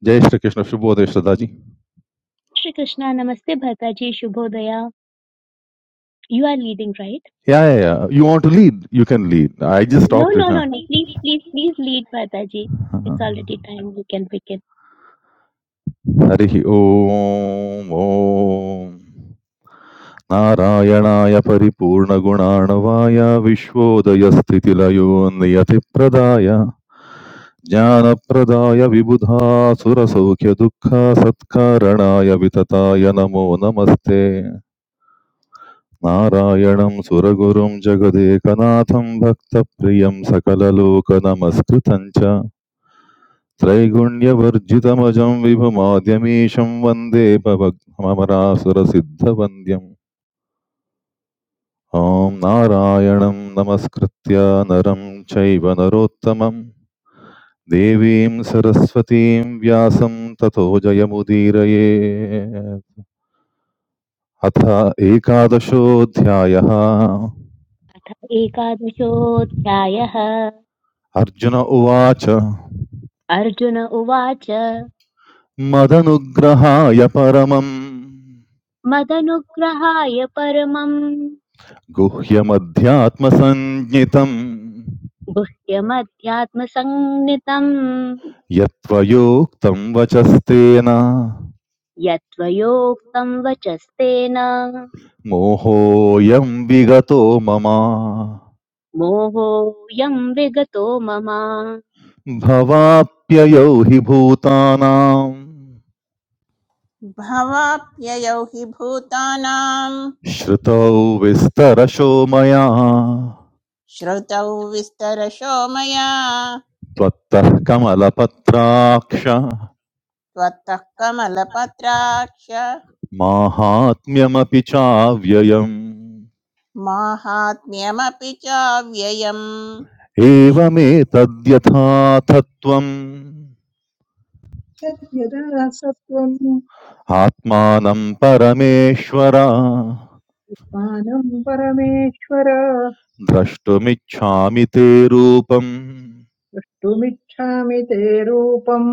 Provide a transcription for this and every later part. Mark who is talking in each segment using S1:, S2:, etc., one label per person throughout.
S1: Jai Shri Krishna Shubhodaya Sadaji.
S2: Shri Krishna, Namaste Bhartaji, Shubhodaya. You are leading, right?
S1: Yeah, yeah, yeah. You want to lead? You can lead. I just
S2: No,
S1: stopped it.
S2: no,
S1: Huh?
S2: no, no. Please, please, please lead Bhartaji. It's already time. You can pick it.
S1: हरिः ओम् ॐ नारायणाय परिपूर्णगुणाणवाय विश्वोदयस्थितिलयो नियतिप्रदाय ज्ञानप्रदाय विबुधा सुरसौख्यदुःख सत्कारणाय वितताय नमो नमस्ते నారాయణం సురగురుం జగదేకనాథం భక్తప్రియం సకలలోకనమస్కృతం చ త్రైగుణ్యవర్జితమజం విభుమాద్యమీశం వందే భవమరాసురసిద్ధవంద్యం ఓం నారాయణం నమస్కృత్య నరం చైవ నరోత్తమం దేవీం సరస్వతీం వ్యాసం తతో జయముదీరయే అథ ఏకాదశోऽధ్యాయः
S2: अथ एकादशोऽध्यायः
S1: అర్జున ఉవాచ
S2: अर्जुन उवाच
S1: मदनुग्रहाय परमम्
S2: मदनुग्रहाय परमम्
S1: गुह्यमध्यात्मसञ्ज्ञितम्
S2: गुह्यमध्यात्मसंज्ञितम्
S1: यत्त्वयोक्तं वचस्तेन
S2: यत्त्वयोक्तम् वचस्तेन
S1: मोहोऽयं विगतो मम
S2: मोहोऽयम् विगतो मम
S1: भवाप्ययौ हि भूतानां
S3: भवाप्ययौ हि भूतानां
S1: श्रुतौ विस्तरशो मया
S3: श्रुतौ विस्तरशो मया
S1: त्वत्तः कमलपत्राक्ष
S3: त्वत्तः कमलपत्राक्ष
S1: माहात्म्यमपि चाव्ययम्
S3: माहात्म्यमपि चाव्ययम् कृष्ण कृष्ण।
S1: एवमेतद्यथाथत्वम्
S4: यदा सत्त्वम्
S1: आत्मानं परमेश्वर
S4: मानम् परमेश्वर
S1: द्रष्टुमिच्छामि ते रूपम्
S4: द्रष्टुमिच्छामि ते रूपम्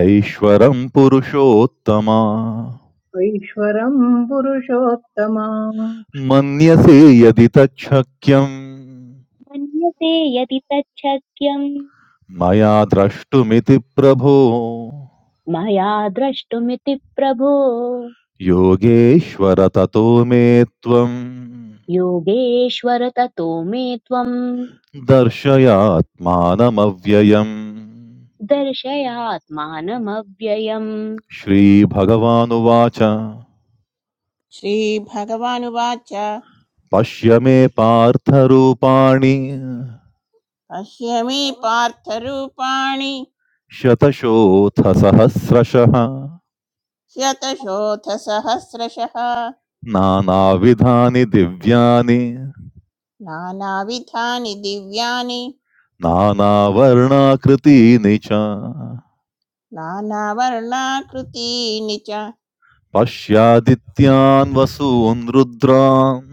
S1: ऐश्वरं पुरुषोत्तम
S4: ऐश्वरम् पुरुषोत्तम
S1: मन्यसे यदि तच्छक्यम्
S2: मन्यते यदि तच्छक्यम्
S1: मया द्रष्टुमिति प्रभो
S2: मया द्रष्टुमिति प्रभो
S1: योगेश्वर ततो मे त्वम्
S2: योगेश्वर ततो मे त्वम्
S1: दर्शयात्मानमव्ययम्
S2: दर्शयात्मानमव्ययम्
S1: श्रीभगवानुवाच
S3: श्रीभगवानुवाच
S1: पश्य मे पार्थरूपाणि
S3: पश्य मे पार्थरूपाणि
S1: शतशोऽथ सहस्रशः
S3: शतशोथसहस्रशः
S1: नानाविधानि दिव्यानि
S3: नानाविधानि दिव्यानि
S1: नानावर्णाकृतीनि च
S3: नानावर्णाकृतीनि च
S1: पश्यादित्यान् वसून् रुद्रान्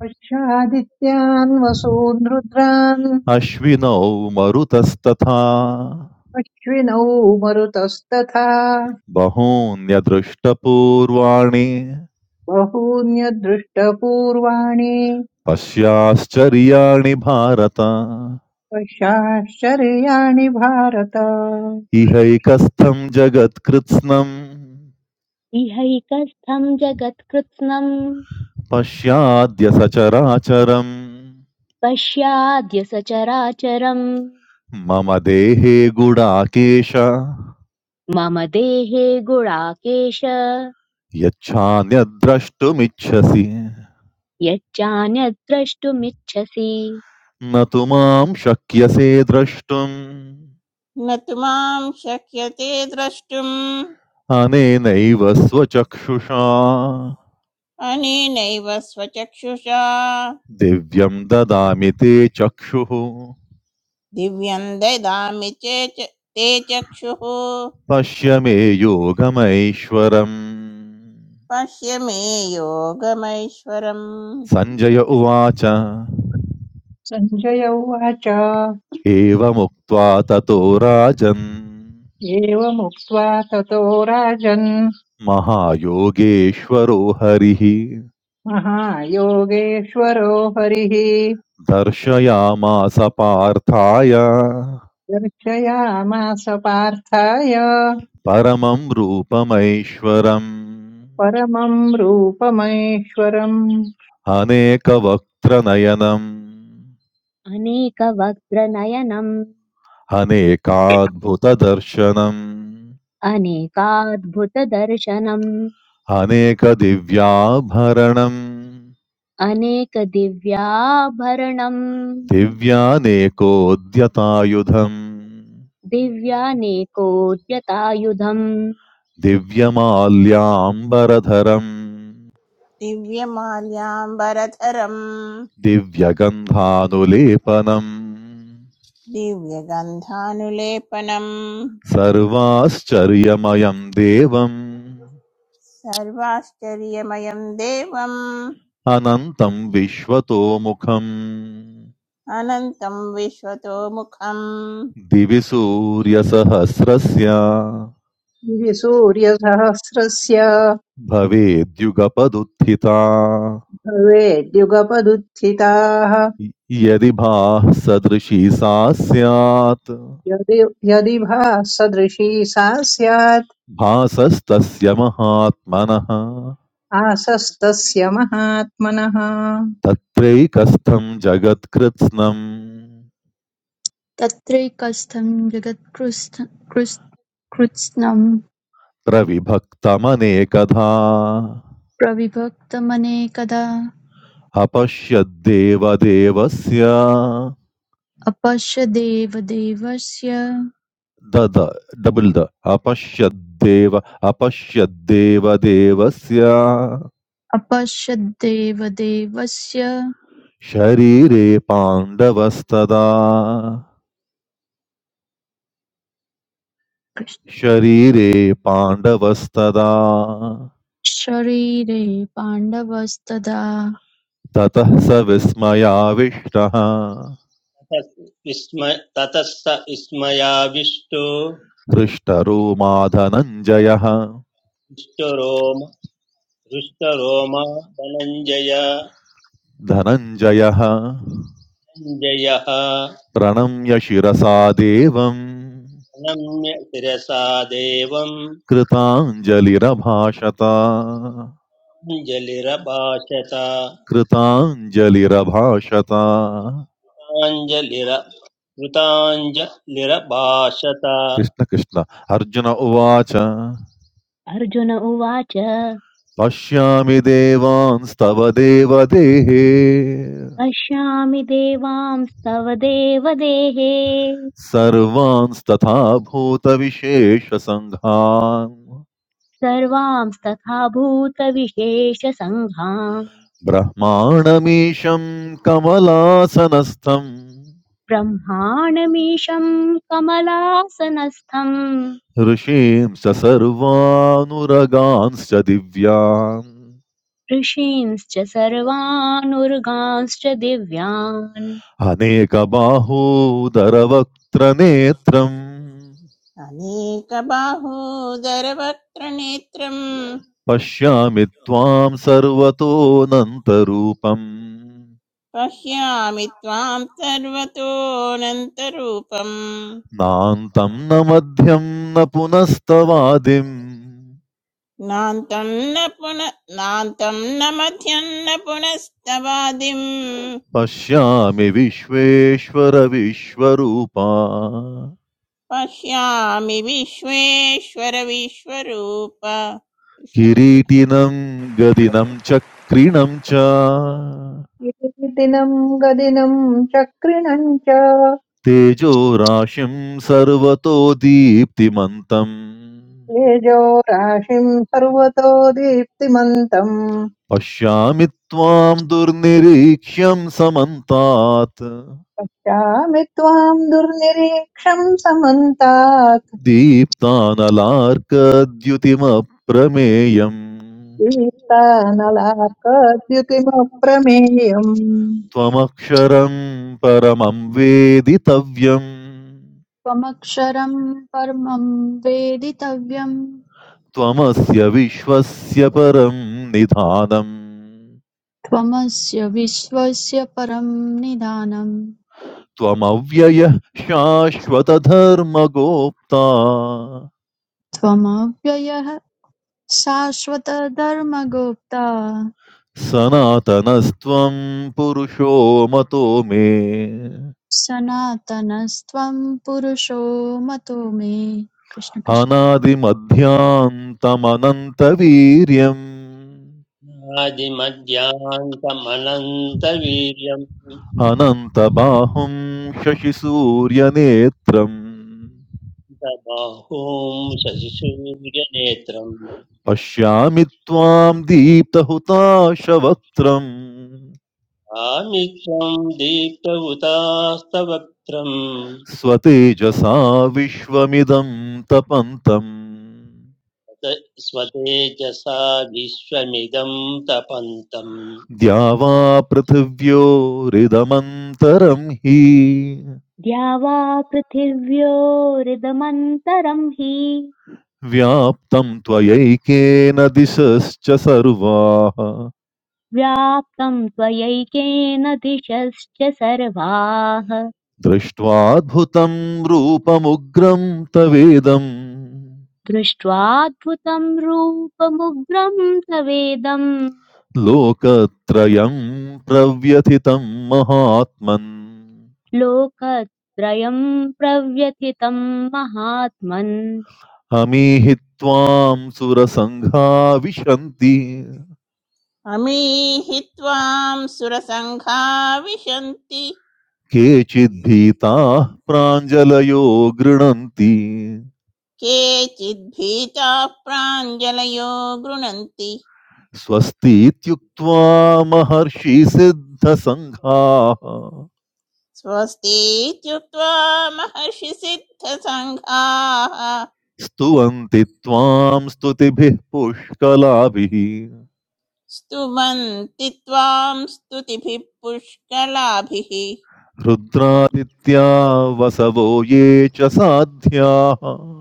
S4: पश्यादित्यान् वसून् रुद्रान्
S1: अश्विनौ मरुतस्तथा
S4: अश्विनौ मरुतस्तथा
S1: बहून्यदृष्टपूर्वाणि
S4: बहून्यदृष्टपूर्वाणि
S1: पश्याश्चर्याणि भारत
S4: पश्याश्चर्याणि भारत
S1: इहैकस्थं जगत्कृत्स्नम्
S2: इहैकस्थम् जगत्कृत्स्नम्
S1: पश्याद्य सचराचरम्
S2: पश्याद्य सचराचरम्
S1: मम देहे गुडाकेश
S2: मम देहे गुणाकेश
S1: यच्छान्यद्द्रष्टुमिच्छसि
S2: यच्चान्यद्द्रष्टुमिच्छसि
S1: न तु मां शक्यसे द्रष्टुम्
S3: न तु मां शक्यते द्रष्टुम्
S1: अनेनैव स्वचक्षुषा
S3: अनेनैव स्वचक्षुषा
S1: दिव्यं ददामि ते चक्षुः
S3: दिव्यं ददामि चेत् ते चक्षुः
S1: पश्य मे योगमैश्वरम्
S3: पश्य मे योगमैश्वरम्
S1: सञ्जय उवाच
S4: सञ्जय उवाच
S1: एवमुक्त्वा ततो
S4: एवमुक्त्वा ततो राजन्
S1: महायोगेश्वरो हरिः
S4: महायोगेश्वरो हरिः
S1: दर्शयामास पार्थाय
S4: दर्शयामास पार्थाय
S1: परमं रूपमैश्वरम्
S4: परमं रूपमैश्वरम्
S1: अनेकवक्त्रनयनम्
S2: अनेकवक्त्रनयनम्
S1: अनेकाद्भुतदर्शनम्
S2: अनेकाद्भुतदर्शनम्
S1: अनेकदिव्याभरणम्
S2: अनेकदिव्याभरणम्
S1: दिव्यानेकोद्यतायुधम्
S2: दिव्यानेकोद्यतायुधम्
S1: दिव्यमाल्याम्बरधरम्
S3: दिव्यमाल्याम्बरधरम्
S1: दिव्यगन्धानुलेपनम्
S3: दिव्यगन्धानुलेपनम्
S1: सर्वाश्चर्यमयं देवम्
S3: सर्वाश्चर्यमयं देवम्
S1: अनन्तं विश्वतोमुखम्
S3: अनन्तं विश्वतो मुखम्
S1: दिवि सूर्यसहस्रस्य
S4: इति सूर्यसहस्रस्य
S1: भवेद्युगपदुत्थिता
S4: भवेद्युगपदुत्थिताः
S1: य- यदि भाः सदृशी सा स्यात्
S4: यदि यदि भासदृशी सा स्यात्
S1: भासस्तस्य महात्मनः
S4: आसस्तस्य महात्मनः
S1: तत्रैकस्थं जगत्कृत्स्नम्
S5: तत्रैकस्थं जगत्कृत्स्नं
S1: प्रविभक्तमनेकधा अपश्यद्देवदेवस्य
S5: प्रविभक्तमनेकदाऽपश्यदेवदेवस्य
S1: दद डबल् द अपश्यद्देव अपश्यद्देवदेवस्य शरीरे पाण्डवस्तदा शरीरे पाण्डवस्तदा
S5: शरीरे पाण्डवस्तदा
S1: ततः स विस्मयाविष्टः
S6: विस्म ततः स विस्मयाविष्टो
S1: हृष्टरोमा धनञ्जयः
S6: हृष्टरोम हृष्टरोमा धनञ्जय
S1: धनञ्जयः
S6: धनञ्जयः
S1: प्रणम्य शिरसा देवम्
S6: प्रणम्य शिरसा देवम्
S1: कृताञ्जलिरभाषत
S6: अञ्जलिरभाषत
S1: कृताञ्जलिरभाषत
S6: कृताञ्जलिर कृताञ्जलिरभाषत
S1: कृष्ण कृष्ण अर्जुन उवाच
S2: अर्जुन उवाच
S1: पश्यामि देवांस्तव देवदेहे
S2: पश्यामि देवांस्तव देवदेहे
S1: सर्वांस्तथा भूतविशेषसङ्घान्
S2: सर्वांस्तथा भूतविशेषसङ्घान्
S1: ब्रह्माणमीशं कमलासनस्थं
S2: ब्रह्माणमीशम् कमलासनस्थम्
S1: ऋषींश्च सर्वानुरगांश्च दिव्यान्
S2: ऋषींश्च सर्वानुर्गांश्च दिव्यान्
S1: अनेकबाहोदरवक्त्रनेत्रम्
S3: अनेकबाहूदरवक्त्रनेत्रम्
S1: पश्यामि त्वां सर्वतोऽनन्तरूपम्
S3: पश्यामि त्वां सर्वतोऽनन्तरूपम्
S1: नान्तं न मध्यं न पुनस्तवादिं
S3: नान्तं न पुन नान्तं न मध्यं न पुनस्तवादिम्
S1: पश्यामि विश्वेश्वर विश्वरूपा
S3: पश्यामि विश्वेश्वर विश्वरूप कृष्ण कृष्ण
S1: किरीटिनं गदिनं चक्रिणं च
S4: इति दिनम् गदिनम् चक्रिणम् च
S1: तेजो राशिं सर्वतो दीप्तिमन्तम्
S4: तेजो राशिम् सर्वतो दीप्तिमन्तम्
S1: पश्यामि त्वां दुर्निरीक्ष्यं
S4: पश्यामि त्वाम् दुर्निरीक्षम् समन्तात्
S1: दीप्तानलार्कद्युतिमप्रमेयम्
S4: दीप्तानलाकद्युतिमप्रमेयम्
S1: त्वमक्षरम् परमं वेदितव्यम्
S5: त्वमक्षरं परमं वेदितव्यं
S1: त्वमस्य विश्वस्य परं निधानम्
S5: त्वमस्य विश्वस्य परं निधानं
S1: त्वमव्ययः शाश्वतधर्मगोप्ता
S5: त्वमव्ययः शाश्वतधर्मगुप्ता
S1: सनातनस्त्वं पुरुषो मतो मे
S5: सनातनस्त्वं पुरुषो मतो मे कृष्ण कृष्ण
S1: अनादिमध्यान्तमनन्तवीर्यम्
S6: आदिमध्यान्तमनन्तवीर्यम्
S1: अनन्तबाहुं शशिसूर्यनेत्रम्
S6: बाहूं शशिसूर्यनेत्रम्
S1: पश्यामि त्वां दीप्तहुताशवक्त्रम्
S6: आमित्वं दीप्तवुतास्तव क्रम्
S1: स्वतेजसा विश्वमिदं तपन्तम्
S6: स्वतेजसा विश्वमिदं तपन्तम्
S1: द्यावा पृथिव्योरिदमन्तरं हि
S2: द्यावा पृथिव्योरिदमन्तरम् हि
S1: व्याप्तं त्वयैकेन दिशश्च सर्वाः
S2: व्याप्तं त्वयैकेन दिशश्च सर्वाः
S1: दृष्ट्वाद्भुतं रूपमुग्रं तवेदम्
S2: दृष्ट्वाद्भुतं रूपमुग्रं तवेदं
S1: लोकत्रयं प्रव्यथितं महात्मन्
S2: लोकत्रयं प्रव्यथितं महात्मन्
S1: अमीहि त्वां सुरसङ्घा विशन्ति
S3: अमीहि त्वां सुरसङ्घा विशन्ति
S1: केचिद्भीताः प्राञ्जलयो गृणन्ति
S3: केचिद्भीताः प्राञ्जलयो गृणन्ति
S1: स्वस्तीत्युक्त्वा महर्षिसिद्धसङ्घाः
S3: स्वस्ति इत्युक्त्वा महर्षिसिद्धसङ्घाः
S1: स्तुवन्ति त्वां स्तुतिभिः पुष्कलाभिः
S3: स्तुवन्ति त्वां स्तुतिभिः पुष्कलाभिः
S1: रुद्रादित्या वसवो ये च साध्याः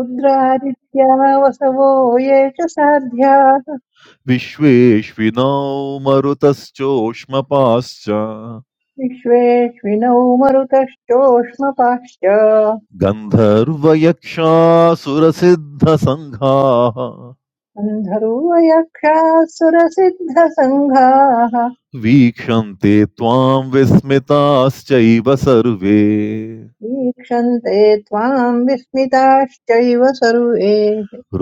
S4: रुद्रादित्या वसवो ये च साध्याः
S1: विश्वेष्विनौ मरुतश्चोष्मपाश्च
S4: विश्वेष्विनौ मरुतश्चोष्मपाश्च
S1: गन्धर्वयक्षासुरसिद्धसङ्घाः
S4: अन्धरूवयक्षाः सुरसिद्धसङ्घाः
S1: वीक्षन्ते त्वां विस्मिताश्चैव सर्वे
S4: ईक्षन्ते त्वाम् विस्मिताश्चैव सर्वे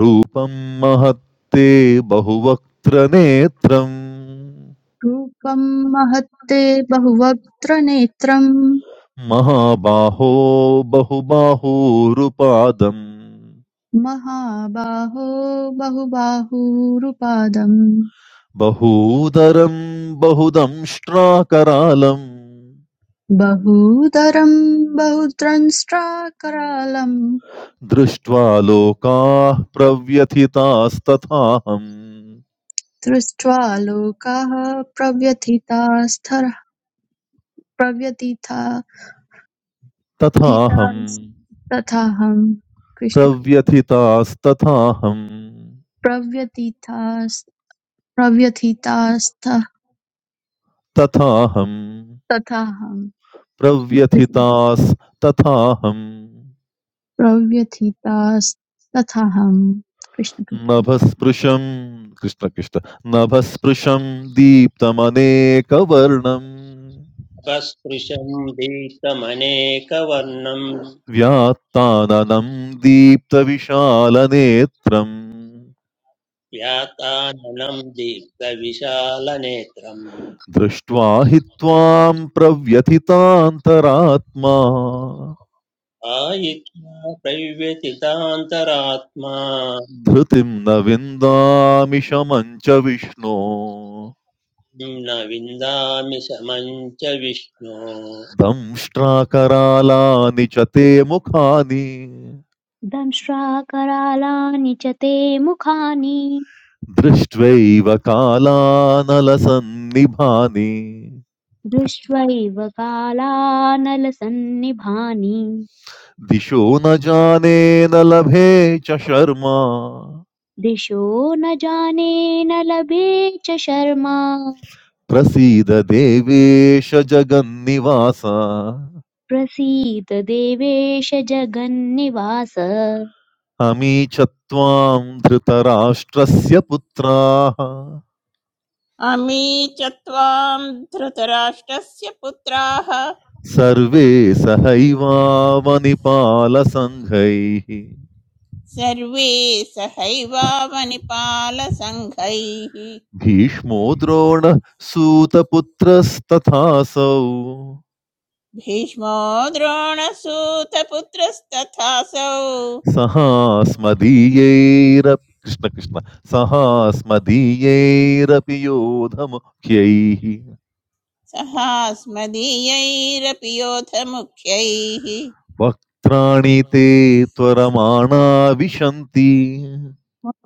S1: रूपं महत्ते बहुवक्त्र
S5: रूपं महत्ते बहुवक्त्रनेत्रं
S1: महाबाहो बहुबाहूरुपादम्
S5: महाबाहो बहुबाहुरुपादं
S1: बहूदरं बहुदंष्ट्राकरालम्
S5: बहूदरं बहुद्रंष्ट्राकरालं
S1: दृष्ट्वा लोकाः प्रव्यथितास्तथाहम्
S5: दृष्ट्वा लोकाः प्रव्यथितास्तर प्रव्यथिता
S1: तथाहम्
S5: तथाहं कृष्ण
S1: प्रव्यथितास्तथाहम्
S5: प्रव्यथितास् प्रव्यथितास्थ
S1: तथाहम्
S5: तथाहं कृष्ण
S1: प्रव्यथितास्तथाहम्
S5: प्रव्यथितास्तथाहं कृष्ण कृष्ण
S1: नभस्पृशं कृष्णकृष्ण नभस्पृशं दीप्तमनेकवर्णम्
S6: अपस्पृशं दीप्तमनेकवर्णं
S1: व्यात्ताननं दीप्तविशालनेत्रम्
S6: व्याताननं दीप्तविशालनेत्रम्
S1: दृष्ट्वा हि त्वां प्रव्यथितान्तरात्मा
S6: आयित्वा प्रव्यतितान्तरात्मा
S1: धृतिं न विन्दामि शमं च विष्णो
S6: न विन्दामि समं च विष्णो
S1: दंष्ट्राकरालानि च ते मुखानि
S2: दंश्राकरालानि च ते मुखानि
S1: दृष्ट्वैव कालानलसन्निभानि
S2: दृष्ट्वैव कालानलसन्निभानि
S1: दिशो न जाने न लभे च शर्मा
S2: दिशो न जाने न लभे च शर्मा
S1: प्रसीद देवेश जगन्निवास
S2: प्रसीद देवेश जगन्निवास
S1: अमी च त्वां धृतराष्ट्रस्य पुत्राः
S3: अमी च त्वां धृतराष्ट्रस्य पुत्राः
S1: सर्वे सहैवावनिपालसङ्घैः
S3: सर्वे सहैवावनिपालसङ्घैः
S1: भीष्मो द्रोणः सूतपुत्रस्तथासौ
S3: भीष्मो द्रोणसूतपुत्रस्तथासौ
S1: सहास्मदीयैरपि कृष्ण कृष्ण सहास्मदीयैरपि योधमुख्यैः
S3: सहास्मदीयैरपि योधमुख्यैः
S1: वक्त्राणि ते त्वरमाणा विशन्ति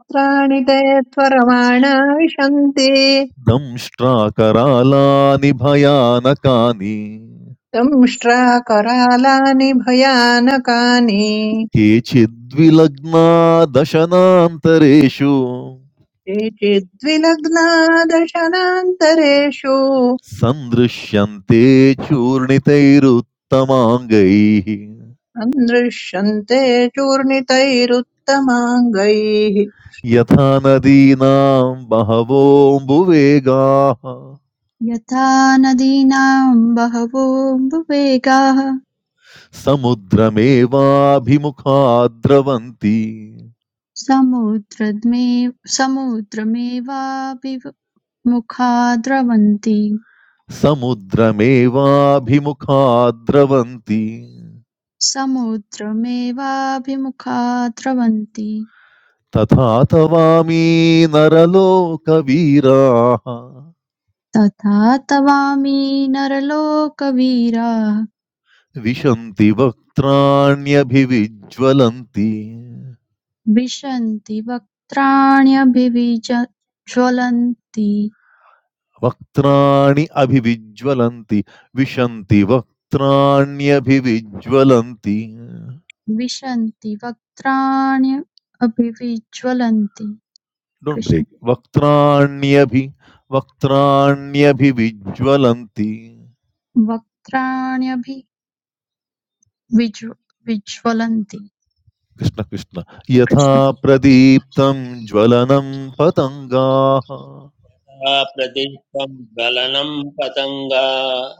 S4: पुत्राणि ते त्वरमाणा विशन्ति
S1: दंष्ट्राकरालानि भयानकानि
S4: संष्ट्राकरालानि भयानकानि
S1: केचिद्विलग्ना दशनान्तरेषु
S4: केचिद्विलग्ना दशनान्तरेषु
S1: सन्दृश्यन्ते चूर्णितैरुत्तमाङ्गैः
S4: अन्दृश्यन्ते चूर्णितैरुत्तमाङ्गैः
S1: यथा नदीनां बहवोऽम्बुवेगाः
S5: यथा नदीनां बहवो वेगाः
S1: समुद्रमेवाभिमुखा द्रवन्ति
S5: समुद्रमे समुद्रमेवाभिमुखा द्रवन्ति
S1: समुद्रमेवाभिमुखा द्रवन्ति
S5: समुद्रमेवाभिमुखा द्रवन्ति
S1: तथा तवामी नरलोकवीराः
S5: तथा तवामि नरलोकवीराः
S1: विशन्ति वक्त्राण्यभिविज्वलन्ति
S5: विशन्ति वक्त्राण्यभिविज ज्वलन्ति
S1: वक्त्राणि अभिविज्वलन्ति विशन्ति वक्त्राण्यभिविज्वलन्ति
S5: विशन्ति वक्त्राण्यपि विज्ज्वलन्ति
S1: डोण्ट्
S5: कृष्ण
S1: ब्रेक् वक्त्राण्यभि वक्त्राण्यभिविज्वलन्ति
S5: वक्त्राण्यपि विज्ज्व- विज्ज्वलन्ति
S1: कृष्ण कृष्ण यथा
S5: कृष्ण
S1: प्रदीप्तं ज्वलनं पतङ्गाः
S6: सा प्रदीप्तं ज्वलनं पतङ्गा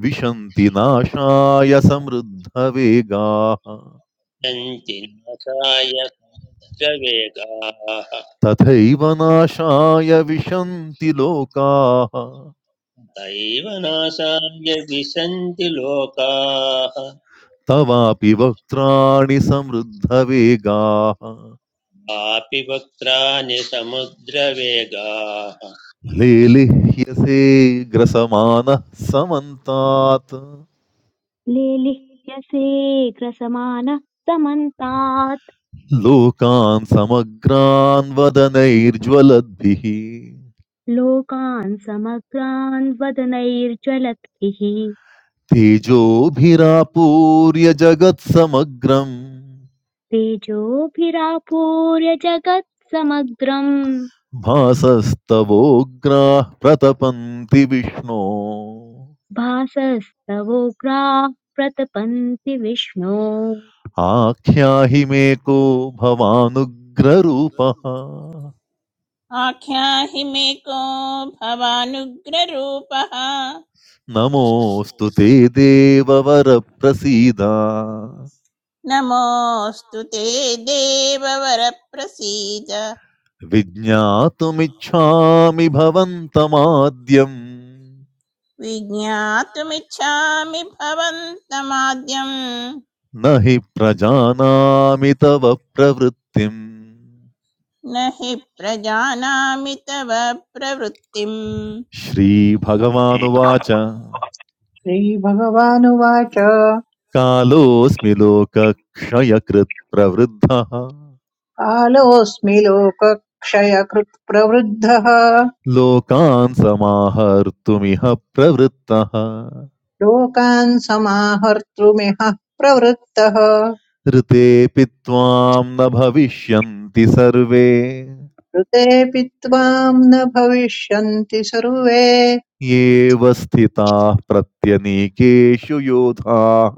S1: विशन्ति नाशाय समृद्धवेगाः
S6: यन्ति नाशाय समुद्रवेगाः
S1: तथैव नाशाय विशन्ति लोकाः
S6: तैव नाशाय विशन्ति लोकाः
S1: तवापि वक्त्राणि समृद्धवेगाः
S6: कापि वक्त्राणि समुद्रवेगाः
S1: लेलिह्यसे ग्रसमानः समन्तात्
S2: लेलिह्यसेऽग्रसमानः समन्तात्
S1: लोकान् समग्रान् वदनैर्ज्वलद्भिः
S2: लोकान् समग्रान् वदनैर्ज्वलद्भिः
S1: तेजोभिरापूर्य जगत्समग्रम्
S2: तेजोभिरापूर्य जगत् समग्रम्
S1: भासस्तवोग्राः प्रतपन्ति विष्णो
S2: भासस्तवोग्राः प्रतपन्ति विष्णो
S1: आख्याहि मे को भवानुग्ररूपः
S3: आख्याहि मे को भवानुग्ररूपः
S1: नमोऽस्तु ते देववरप्रसीद
S3: नमोऽस्तु ते देववरप्रसीद
S1: विज्ञातुमिच्छामि भवन्तमाद्यम्
S3: विज्ञातुमिच्छामि भवन्तमाद्यम्
S1: न हि प्रजानामि तव प्रवृत्तिम्
S3: न हि प्रजानामि तव प्रवृत्तिम्
S1: श्रीभगवानुवाच
S4: श्रीभगवानुवाच
S1: कालोऽस्मि लोकक्षयकृत् प्रवृद्धः
S4: कालोऽस्मि लोकक्षयकृत् प्रवृद्धः
S1: लोकान् समाहर्तुमिह प्रवृत्तः
S4: लोकान् समाहर्तुमिह प्रवृत्तः
S1: ऋतेऽपि त्वां न भविष्यन्ति सर्वे
S4: ऋतेऽपि त्वाम् न भविष्यन्ति सर्वे
S1: येव स्थिताः प्रत्यनीकेषु योधाः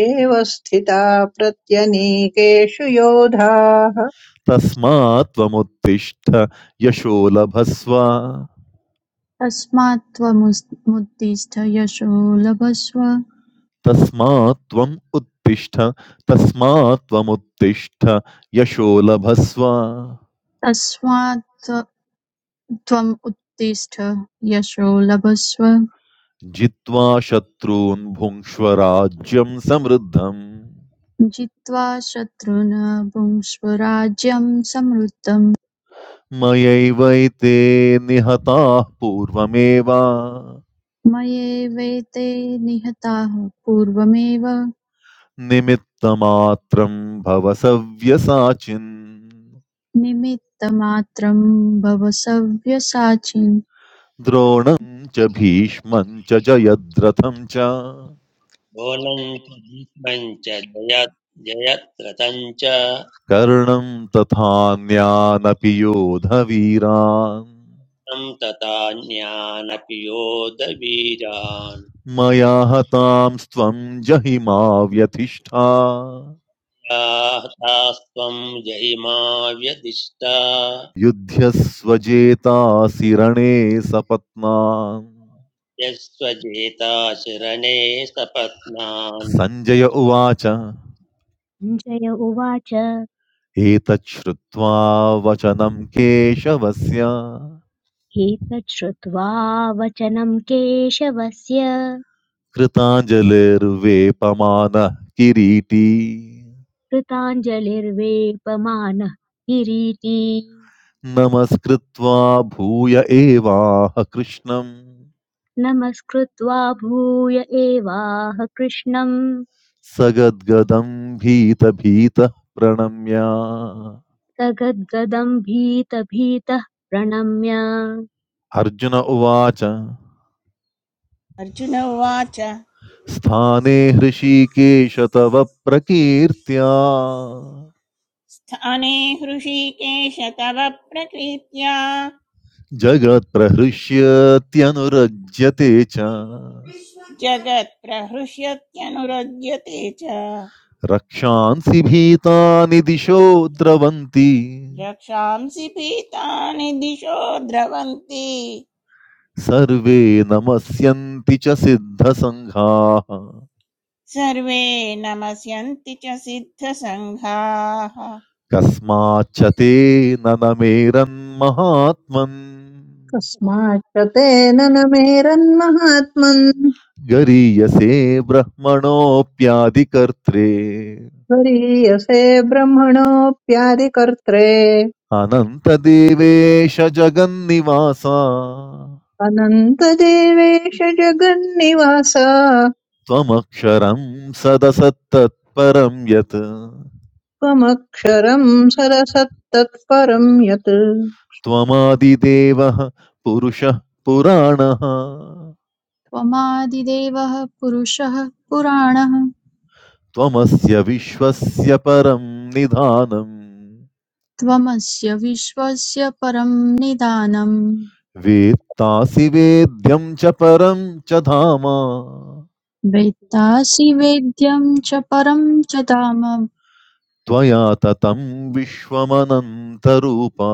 S4: एव स्थिता प्रत्यनीकेषु योधाः
S1: तस्मात् त्वमुत्तिष्ठ यशो लभस्व
S5: तस्मात् त्वमुत्तिष्ठ यशो लभस्व
S1: तस्मात् त्वम् उत्तिष्ठ तस्मात् त्वमुत्तिष्ठ यशो लभस्व
S5: तस्मात् त्व- त्वम् उत्तिष्ठ यशो लभस्व
S1: जित्वा शत्रून् भुङ्क्ष्व राज्यं समृद्धम्
S5: जित्वा शत्रुन् भुङ्क्ष्व राज्यं समृद्धं
S1: मयैवैते निहताः पूर्वमेव
S5: मयैवेते निहताः पूर्वमेव
S1: निमित्तमात्रं भव सव्यसाचिन्
S5: निमित्तमात्रं भव सव्यसाचिन्
S1: द्रोणं च भीष्मं च जयद्रथं च
S6: बोलञ्च भीष्मञ्च जय जयत्रतञ्च
S1: कर्णं तथान्यानपि योधवीरान्
S6: तथा ज्ञानपि योधवीरान्
S1: मया हतांस्त्वं जहिमा व्यधिष्ठा
S6: यास्तास्त्वं जयिमा व्यदिष्टा
S1: युध्यस्वजेतासि रणे सपत्नान्
S6: यस्त्वजेता शरणे सपत्नान्
S1: सञ्जय उवाच
S2: सञ्जय उवाच
S1: एतत् श्रुत्वा वचनं केशवस्य
S2: एतच्छ्रुत्वा वचनम् केशवस्य
S1: कृताञ्जलिर्वेपमानः किरीटी
S2: कृताञ्जलिर्वेपमानः किरीटी
S1: नमस्कृत्वा भूय एवाह कृष्णं
S2: नमस्कृत्वा भूय एवाह कृष्णम्
S1: सगद्गदं भीतभीतः प्रणम्य
S2: स गद्गदम् भीतभीतः प्रणम्य
S1: अर्जुन उवाच
S3: अर्जुन उवाच
S1: स्थाने हृषीकेश तव प्रकीर्त्या
S3: स्थाने हृषीकेश तव प्रकीर्त्या
S1: जगत्प्रहृष्यत्यनुरज्यते च
S3: जगत्प्रहृष्यत्यनुरज्यते च
S1: रक्षांसि भीतानि दिशो द्रवन्ति
S3: रक्षांसि पीतानि दिशो द्रवन्ति
S1: सर्वे नमस्यन्ति च सिद्धसङ्घाः
S3: सर्वे नमस्यन्ति च सिद्धसङ्घाः
S1: कस्माच्च ते न नमेरन्महात्मन्
S4: कस्माच्च तेन न मेरन्महात्मन्
S1: गरीयसे ब्रह्मणोऽप्यादिकर्त्रे
S4: त्वरीयसे ब्रह्मणोऽप्यादिकर्त्रे
S1: अनन्तदेवेश जगन्निवासा
S4: अनन्तदेवेश जगन्निवास
S1: त्वमक्षरं सदसत्तत्परं यत्
S4: त्वमक्षरम् सरसत्तत्परम् यत्
S1: त्वमादिदेवः पुरुषः पुराणः
S5: त्वमादिदेवः पुरुषः पुराणः
S1: त्वमस्य विश्वस्य परं निधानम्
S5: त्वमस्य विश्वस्य परं निदानम्
S1: वेत्तासि वेद्यं च परं च धाम
S5: वेत्तासि वेद्यं च परं च धाम
S1: त्वया ततं विश्वमनन्तरूपा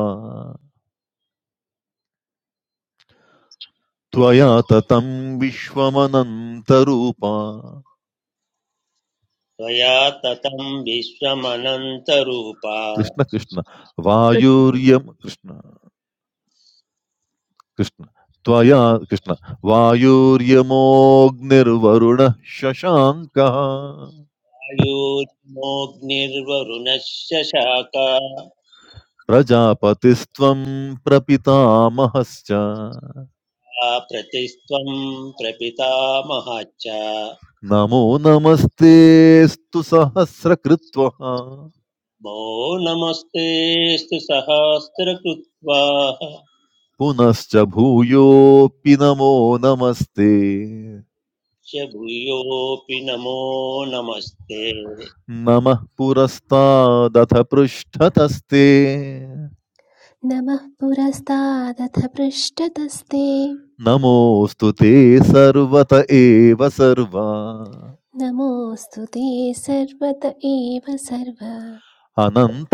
S1: त्वया ततं विश्वमनन्तरूपा
S6: त्वया ततं विश्वमनन्तरूपा
S1: कृष्ण कृष्ण वायुर्यम् कृष्ण कृष्ण त्वया कृष्ण वायुर्यमोऽग्निर्वरुणः शशाङ्कः
S6: आयोजनोऽग्निर्वरुणस्य शाखा
S1: प्रजापतिस्त्वं प्रपितामहश्च
S6: आ प्रतिस्त्वं प्रपितामहाच्च
S1: नमो नमस्तेऽस्तु सहस्रकृत्वः
S6: मो नमस्तेऽस्तु सहस्रकृत्वाः
S1: पुनश्च भूयोऽपि नमो नमस्ते
S6: च भूयोऽपि नमो नमस्ते
S1: नमः पुरस्तादथ पृष्ठतस्ते
S7: नमः पुरस्तादथ पृष्ठतस्ते
S1: नमोऽस्तु ते सर्वत एव सर्वा
S7: नमोऽस्तु ते सर्वत एव सर्व
S1: अनन्तवीर्यामितविक्रमस्त्वम्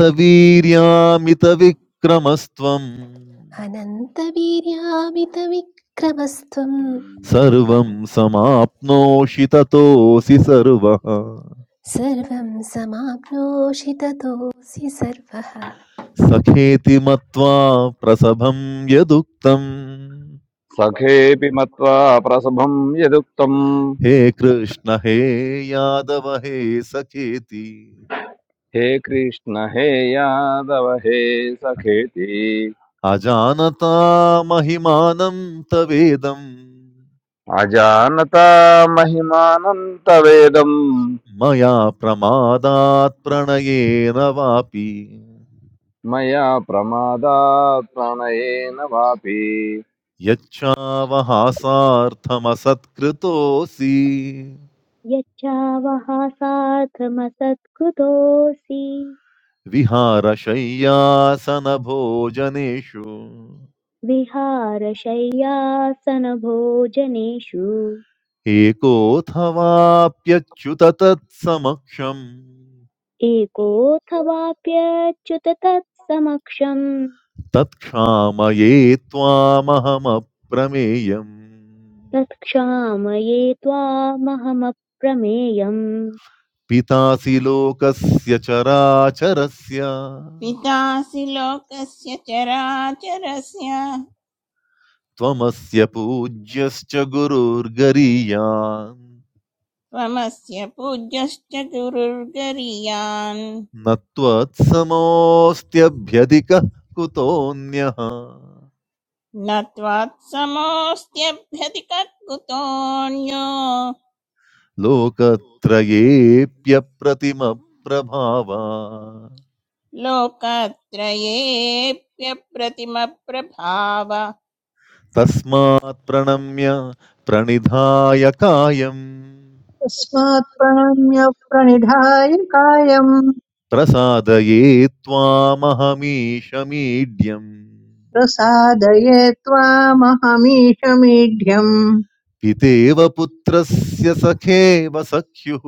S7: अनन्तवीर्यामितविक्रमस्त्वं
S1: सर्वं समाप्नोषि ततोऽसि सर्वः
S7: सर्वं समाप्नोषि ततोऽसि सर्वः
S1: सखेति मत्वा प्रसभं यदुक्तम्
S8: सखेऽपि मत्वा प्रसभं यदुक्तम्
S1: हे कृष्ण हे यादव हे सखेति
S8: हे कृष्ण हे यादव हे सखेति
S1: अजानता महिमानं तवेदम्
S8: अजानता महिमानं तवेदम्
S1: मया प्रमादात् प्रणयेन वापि
S8: मया प्रमादात् प्रणयेन वापि
S1: यच्छावहासार्थमसत्कृतोऽसि
S2: यच्छावः सार्थमसत्कृतोऽसि
S1: विहारशय्यासनभोजनेषु
S2: विहारशय्यासनभोजनेषु
S1: एकोऽथवाप्यच्युत तत्समक्षम्
S2: एकोऽथवाप्यच्युत तत्समक्षम्
S1: तत्क्षामये त्वामहमप्रमेयम्
S2: तत्क्षामये त्वामहमप्रमेयम्
S1: पितासि लोकस्य चराचरस्य
S3: पितासि लोकस्य चराचरस्य
S1: त्वमस्य पूज्यश्च गुरुर्गरीयान्
S3: त्वमस्य पूज्यश्च गुरुर्गरीयान्
S1: न त्वत्समोऽस्त्यभ्यधिकः कुतोऽन्यः
S3: न त्वात्समोऽस्त्यभ्यधिकर्कुतोऽन्यो
S1: लोकत्रयेऽप्यप्रतिमप्रभावा
S3: लोकत्रयेऽप्यप्रतिमप्रभाव
S1: तस्मात् प्रणम्य प्रणिधाय कायम्
S4: तस्मात् प्रणम्य प्रणिधाय कायम्
S1: प्रसादये त्वामहमीशमीड्यम्
S4: प्रसादये त्वामहमीशमीढ्यम्
S1: पितेव पुत्रस्य सखेव सख्युः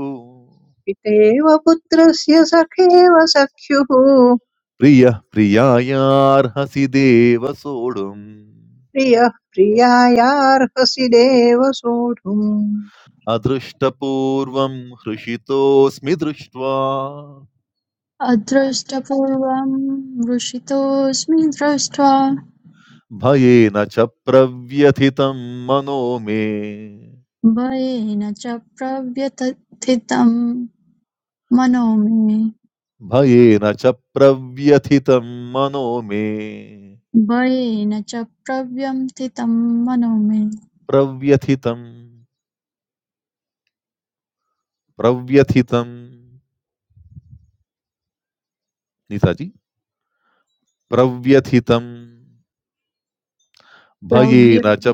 S4: पितेव पुत्रस्य सखेव सख्युः
S1: प्रियः प्रियायार्हसि देव सोढुम्
S4: प्रियः प्रियायार्हसि देव सोढुम्
S1: अदृष्टपूर्वं हृषितोऽस्मि दृष्ट्वा
S5: अदृष्टपूर्वं वृषितोऽस्मि दृष्ट्वा
S1: भयेन च प्रव्यथितं मनो मे
S5: भयेन च प्रव्यथितं मनो मे
S1: भयेन च प्रव्यथितं मनो मे
S5: भयेन च प्रव्यथितं मनो मे
S1: प्रव्यथितं प्रव्यथितं नीताजी प्रव्यथितं
S5: प्रव्य
S1: भयेन च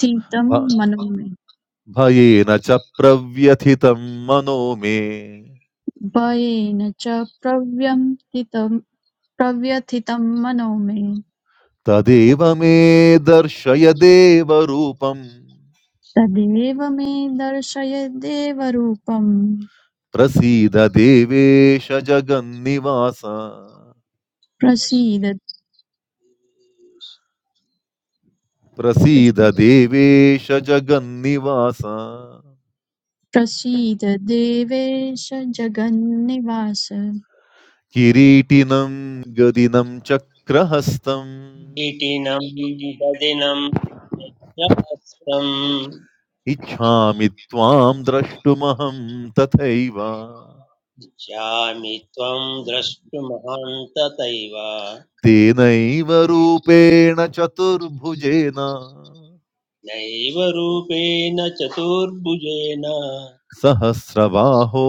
S5: तीतं
S1: भ-
S5: मनो मे
S1: भयेन च प्रव्यथितं मनो
S5: भयेन च प्रव्यथितं प्रव्यथितं मनो मे
S1: तदेव मे दर्शय देवरूपम्
S5: तदेव मे दर्शय देवरूपम्
S1: प्रसीद देवेश जगन्निवास
S5: प्रसीद
S1: प्रसीद देवेश जगन्निवास
S5: प्रसीद देवेश जगन्निवास
S1: किरीटिनं गदिनं चक्रहस्तम्
S6: कीटिनं ददिनं यच्छास्तं
S1: इच्छामि त्वां द्रष्टुमहं तथैव
S6: इच्छामि त्वं द्रष्टुमहन्ततैव
S1: तेनैव रूपेण चतुर्भुजेन
S6: नैव रूपेण चतुर्भुजेन
S1: सहस्रबाहो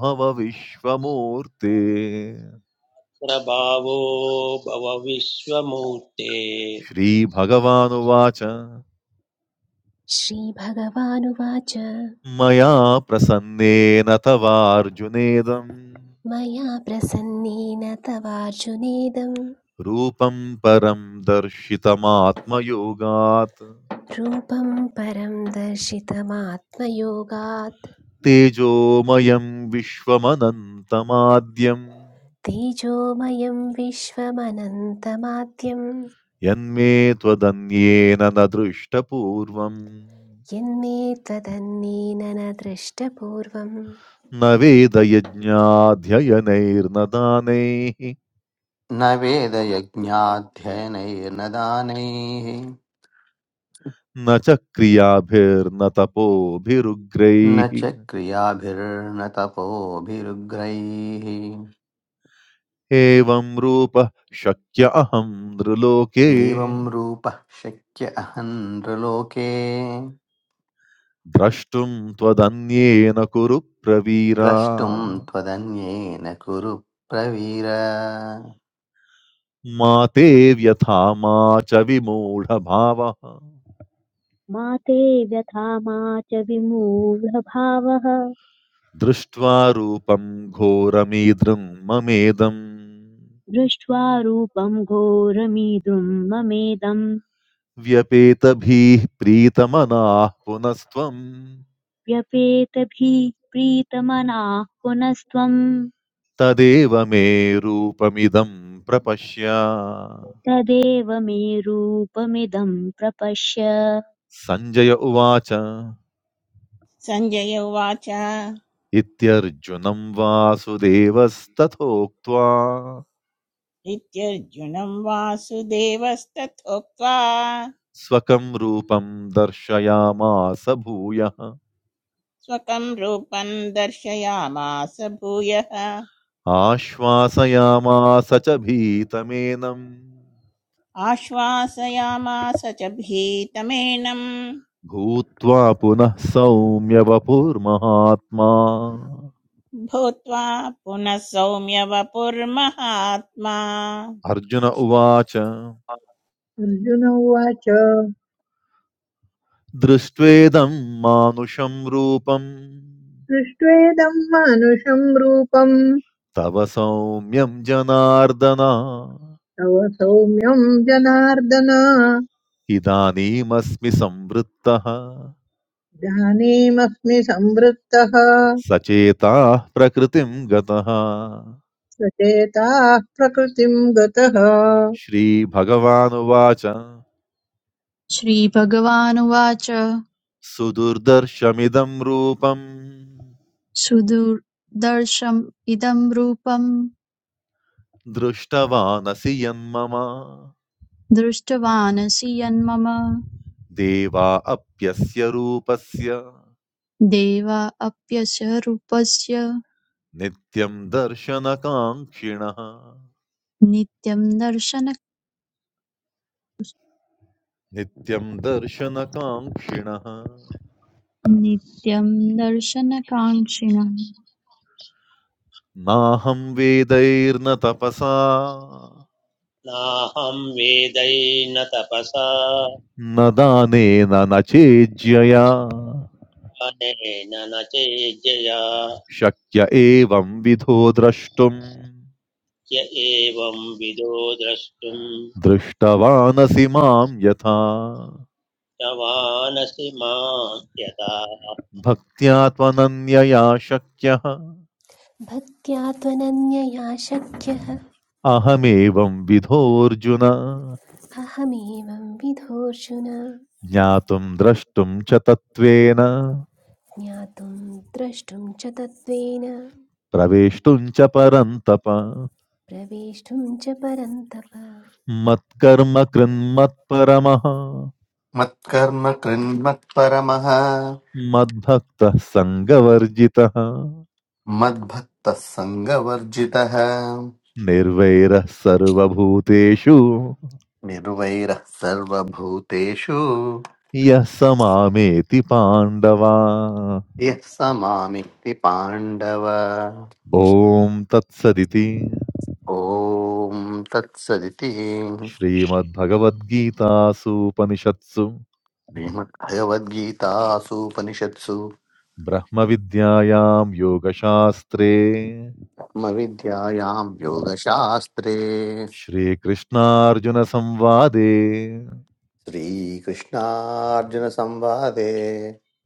S1: भव विश्वमूर्ते
S6: प्रभावो भव विश्वमूर्ते
S1: श्रीभगवानुवाच
S7: श्रीभगवानुवाच
S1: मया प्रसन्नेन तवार्जुनेदं
S7: मया प्रसन्नेन तवार्जुनेदं
S1: रूपं परं दर्शितमात्मयोगात्
S7: रूपं परं दर्शितमात्मयोगात्
S1: तेजोमयं विश्वमनन्तमाद्यं
S7: तेजोमयं विश्वमनन्तमाद्यम्
S1: यन्मे त्वदन्येन न दृष्टपूर्वम्
S7: यन्मे त्वदन्येन न दृष्टपूर्वम्
S1: न वेदयज्ञाध्ययनैर्न दानैः
S9: न वेदयज्ञाध्ययनैर्न दानैः
S1: न च क्रियाभिर्न
S9: न
S1: तपोभिरुग्रैः
S9: च क्रियाभिर्न तपोभिरुग्रैः
S1: एवं रूपः शक्य अहं नृलोके
S9: एवं रूपः शक्य अहन्द्रलोके
S1: द्रष्टुं त्वदन्येन कुरु प्रवीरा
S9: द्रष्टुं त्वदन्येन कुरु प्रवीर
S1: मा ते व्यथा मा च विमूढभावः
S2: मा ते व्यथा मा च विमूढभावः
S1: दृष्ट्वा रूपं घोरमीदृं ममेदम्
S2: दृष्ट्वा रूपम् घोरमीदृम् ममेदम्
S1: व्यपेतभिः प्रीतमनाः पुनस्त्वं
S2: व्यपेतभिः प्रीतमनाः पुनस्त्वम्
S1: तदेव मे रूपमिदं प्रपश्य
S2: तदेव मे रूपमिदम् प्रपश्य
S1: संजय उवाच
S3: सञ्जय उवाच
S1: इत्यर्जुनं वासुदेवस्तथोक्त्वा
S3: इत्यर्जुनम् वासुदेवस्तथोक्त्वा
S1: स्वकं रूपं दर्शयामास भूयः
S3: स्वकं रूपं दर्शयामास भूयः
S1: आश्वासयामास च भीतमेनं
S3: आश्वासयामास च भीतमेनं
S1: भूत्वा पुनः सौम्य वपुर्महात्मा
S3: भूत्वा पुनः सौम्य वपुर्महात्मा
S1: अर्जुन
S3: कृष्ण
S1: उवाच
S4: अर्जुन उवाच
S1: दृष्ट्वेदं मानुषं रूपं
S4: दृष्ट्वेदम् मानुषम् रूपम्
S1: तव सौम्यं जनार्दन
S4: तव सौम्यम् जनार्दन
S1: इदानीमस्मि संवृत्तः
S4: इदानीमस्मि संवृत्तः
S1: सचेताः प्रकृतिं गतः
S4: सचेताः प्रकृतिम् गतः
S1: श्रीभगवानुवाच
S5: श्रीभगवानुवाच
S1: सुदुर्दर्शमिदं रूपम्
S5: सुदुर्दर्शम् इदं रूपं
S1: दृष्टवानसि यन्मम
S5: दृष्टवानसि यन्मम
S1: देवा अप्यस्य रूपस्य
S5: देवा अप्यस्य रूपस्य
S1: नित्यं दर्शनकाङ्क्षिणः
S5: नित्यं दर्शनं
S1: नित्यं दर्शनकाङ्क्षिणः
S5: नित्यं दर्शनकाङ्क्षिणः
S1: नाहं वेदैर्न तपसा
S6: नाहं वेदैर्न तपसा
S1: न दानेन न चेज्यया
S6: अनेन न चेज्जया
S1: शक्य एवं विधो द्रष्टुम्
S6: य एवं विदो द्रष्टुं
S1: दृष्टवानसि मां यथा
S6: प्रवानसि मां यथा
S1: भक्त्या त्वनन्यया शक्यः
S7: भक्त्या त्वनन्यया शक्यः
S1: अहमेवं विधोऽर्जुन
S7: अहमेवं विधोऽर्जुन
S1: ज्ञातुं द्रष्टुं च तत्त्वेन
S7: ज्ञातुं द्रष्टुं च तत्त्वेन
S1: प्रवेष्टुं च परन्तप
S7: प्रवेष्टुं च परन्तप
S1: मत्कर्म कृन्मत्परमः
S9: मत्कर्म कृन्मत्परमः
S1: मद्भक्तः सङ्गवर्जितः
S9: मद्भक्तः सङ्गवर्जितः
S1: निर्वैरः सर्वभूतेषु
S9: निर्वैरः सर्वभूतेषु
S1: यः समामेति पाण्डवा
S9: यः समामिति पाण्डव
S1: ॐ तत्सदिति
S9: ॐ तत्सदिति
S1: श्रीमद्भगवद्गीतासूपनिषत्सु
S9: श्रीमद्भगवद्गीतासूपनिषत्सु
S1: ब्रह्मविद्यायां योगशास्त्रे
S9: आत्मविद्यायां योगशास्त्रे
S1: श्रीकृष्णार्जुनसंवादे
S9: श्रीकृष्णार्जुनसंवादे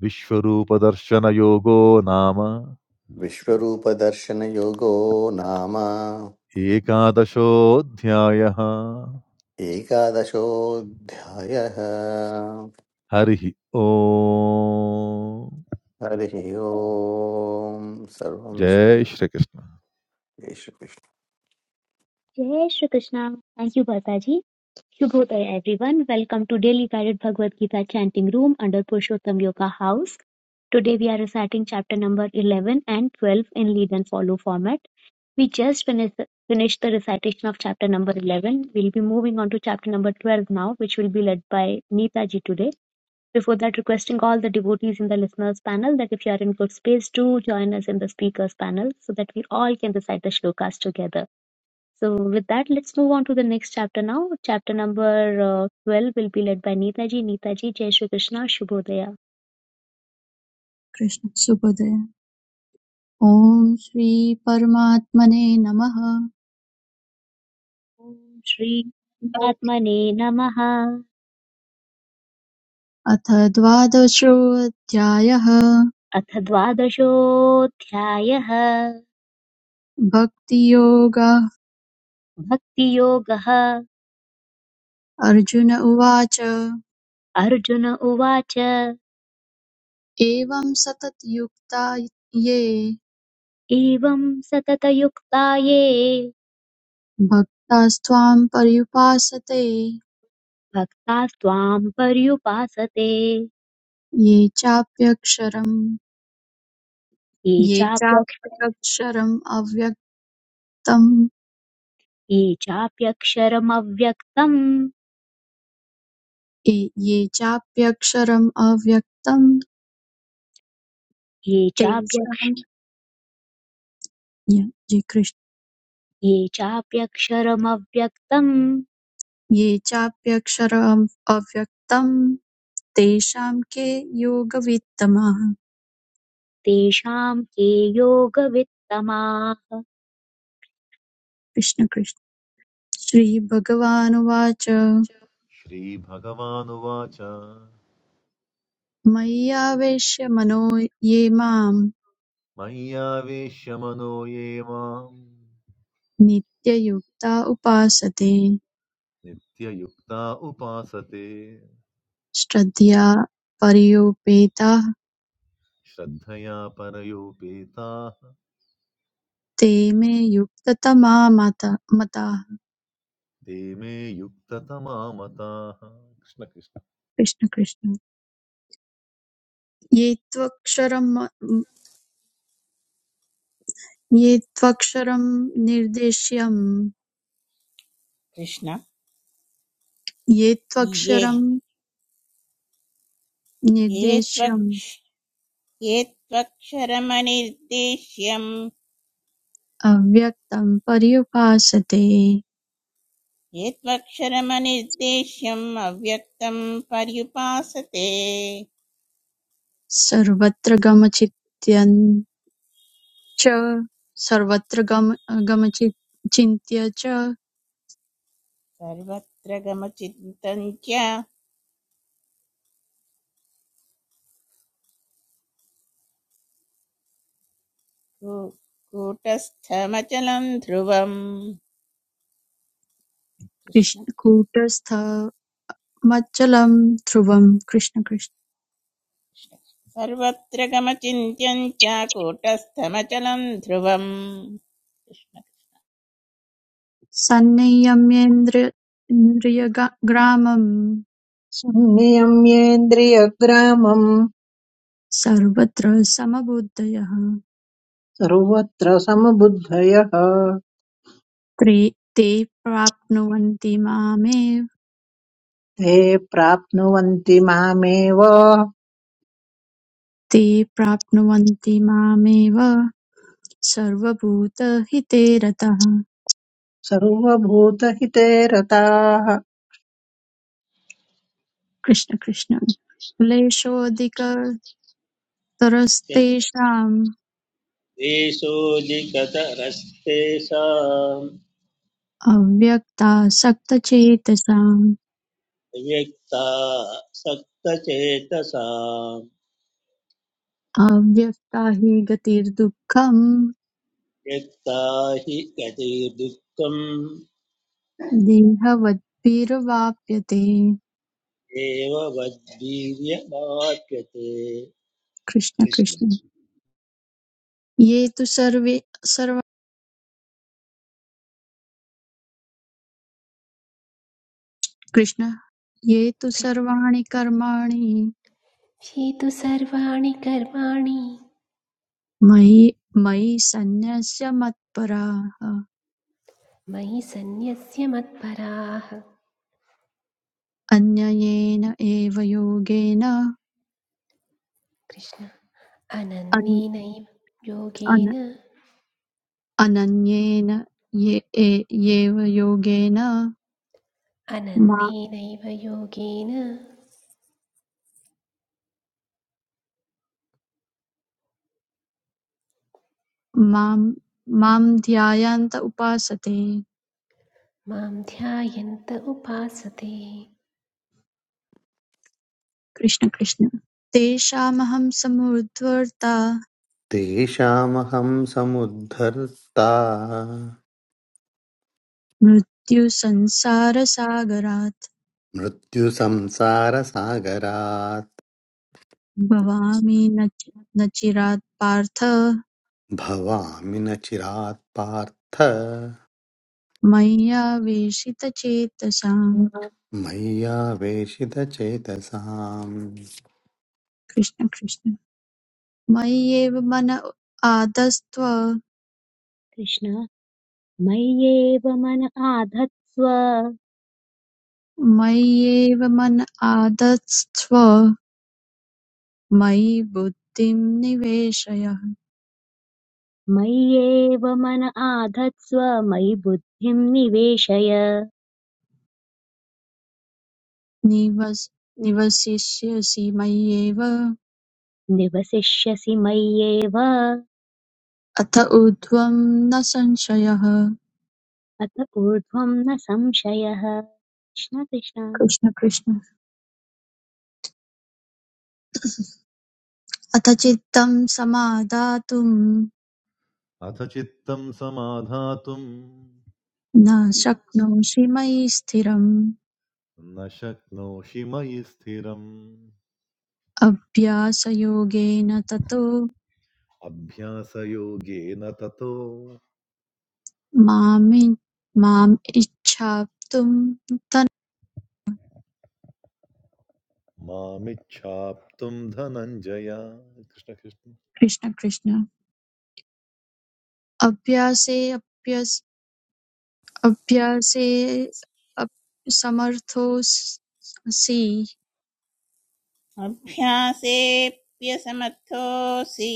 S1: विश्वरूपदर्शनयोगो नाम
S9: विश्वरूपदर्शनयोगो नाम
S1: एकादशोऽध्यायः
S9: एकादशोऽध्यायः
S1: हरिः ॐ
S9: हरिः ओम् सर्वं
S1: જય શ્રી કૃષ્ણ.
S9: श्रीकृष्ण
S2: जय श्री कृष्णा थैंक यू भरता जी शुभोदय everyone welcome to daily guided Bhagavad Gita chanting room under Purushottam yoga house today we are reciting chapter number 11 and 12 in lead and follow format We just finished the finished the recitation of chapter number 11. We'll be moving on to chapter number 12 now, which will be led by Neeta ji today. Before that, requesting all the devotees in the listeners panel that if you are in good space, do join us in the speakers panel so that we all can recite the shlokas together. So, with that, let's move on to the next chapter now. Chapter number uh, 12 will be led by Neeta ji. Neeta ji, Jai Shri Krishna, Shubhodaya.
S5: Krishna सुखदय ॐ श्रीपरमात्मने नमः
S2: Om Shri आत्मने Namaha
S5: अथ द्वादशोऽध्यायः
S2: अथ द्वादशोऽध्यायः
S5: भक्तियोगः
S2: भक्तियोगः
S5: अर्जुन उवाच
S2: अर्जुन उवाच
S5: एवं सततयुक्ता ये
S2: एवं सततयुक्ता ये
S5: भक्तास्त्वां पर्युपासते
S2: भक्तास्त्वां पर्युपासते
S5: ये चाप्यक्षरम्
S2: ये
S5: ये
S2: चाप्यक्ष
S5: चाप्यक्षरम् अव्यक्तम्
S2: ये चाप्यक्षरमव्यक्तम्
S5: ये ये चाप्यक्षरम् अव्यक्तं
S2: ये चाप्यक्ष
S5: तेषां ये ये कृष्
S2: ये चाप्यक्षरमव्यक्तम्
S5: ये चाप्यक्षरम् अव्यक्तं तेषां के योगवित्तमाः
S2: तेषां के योगवित्तमाः
S5: कृष्ण कृष्ण श्रीभगवानुवाच
S1: श्रीभगवानुवाच
S5: मय्यावेश्य मनो ये मां
S1: मय्यावेश्य मनो ये माम्
S5: नित्ययुक्ता उपासते
S1: नित्ययुक्ता उपासते
S5: श्रद्धया पर्योपेताः
S1: श्रद्धया परयोपेताः
S5: ते मे युक्ततमा माता मताः
S1: ते मे युक्ततमा मताः
S5: कृष्ण कृष्ण ये त्वक्षरं ये त्वक्षरं निर्देश्यम्
S3: कृष्ण
S5: ये
S3: ये
S5: त्वक्षरं
S3: ये
S5: निर्देश्यम्
S3: त्वक्ष ये त्वक्षरमनिर्देश्यम्
S5: अव्यक्तं पर्युपासते
S3: ये त्वक्षरमनिर्देश्यम् अव्यक्तं पर्युपासते
S5: सर्वत्र गमचिन्त्यं च सर्वत्र गम गमचि- चिन्त्य च
S3: सर्वत्र गमचिन्तं च कू- कूटस्थमचलं ध्रुवम् कृष्ण
S5: कृष्ण कूटस्थ मच्चलं ध्रुवं कृष्ण कृष्ण
S3: कृष्ण। सर्वत्र गमचिन्त्यं च कूटस्थमचलं ध्रुवम् कृष्ण।
S5: सन्नियम्येन्द्र इन्द्रियग्रा- ग्रामं
S4: संनियम्येन्द्रियग्रामम्
S5: सर्वत्र समबुद्धयः
S4: सर्वत्र समबुद्धयः
S5: त्रे- ते प्राप्नुवन्ति मामेव
S4: ते प्राप्नुवन्ति मामेव
S5: ते प्राप्नुवन्ति मामेव सर्वभूतहिते रतः
S4: सर्वभूतहिते रताः
S5: कृष्ण कृष्ण क्लेशोऽधिकतरस्तेषाम्
S6: देशोऽधिकतरस्तेषाम्
S5: अव्यक्तासक्तचेतसाम्
S6: व्यक्ता सक्तचेतसा
S5: अव्यक्ता हि गतिर्दुःखम्
S6: व्यक्ता हि गतिर्दुःखम्
S5: देहवद्भिर्वाप्यते
S6: एव वद्वीर्यमाप्यते
S5: कृष्ण
S6: कृष्ण
S5: कृष्ण ये तु सर्वे सर्व कृष्ण ये तु सर्वाणि कर्माणि
S7: ये तु सर्वाणि कर्माणि
S5: मयि मयि सन्न्यस्य मत्पराः
S7: मयि सन्न्यस्य मत्पराः
S5: अन्ययेन एव योगेन
S7: कृष्ण अनन्येनैव योगेन
S5: अन- अनन्येन ये- ए- येव योगेन मा-
S7: अनन्येनैव
S5: माम् माम् ध्यायान्त उपासते
S7: मां ध्यायन्त उपासते
S5: कृष्ण कृष्ण तेषामहं समुद्धर्ता
S9: तेषामहं समुद्धर्ता
S5: मृत्युसंसारसागरात्
S9: मृत्युसंसारसागरात्
S5: भवामि न चि- न चिरात् पार्थ
S9: भवामि न चिरात् पार्थ
S5: मय्या वेशितचेतसाम्
S9: मय्यावेशितचेतसाम्
S5: कृष्ण कृष्ण मय्येव मन आदस्त्व
S2: कृष्ण मय्येव मन आधत्स्व
S5: मय्येव मन आदस्त्व मयि बुद्धिं निवेशय
S2: मय्येव मन आधत्स्व मयि बुद्धिं निवेशय
S5: निवस् निवसिष्यसि मय्येव
S2: निवसिष्यसि मय्येव
S5: अथ ऊर्ध्वं न संशयः
S2: अत ऊर्ध्वं न संशयः कृष्ण कृष्ण
S5: कृष्ण कृष्ण अथ चित्तं समादातुं
S1: अथ चित्तं समाधातुं
S5: न शक्नोषि मयि स्थिरम्
S1: न शक्नोषि मयि स्थिरम्
S5: अभ्यासयोगेन ततो
S1: अभ्यासयोगेन ततो
S5: मामि माम् इच्छाप्तुं
S1: मामिच्छाप्तुं धनञ्जय कृष्ण कृष्ण
S5: कृष्ण कृष्ण अभ्यासे अभ्यासे अप्- समर्थोऽसि
S3: अभ्यासेऽप्यसमर्थोऽसि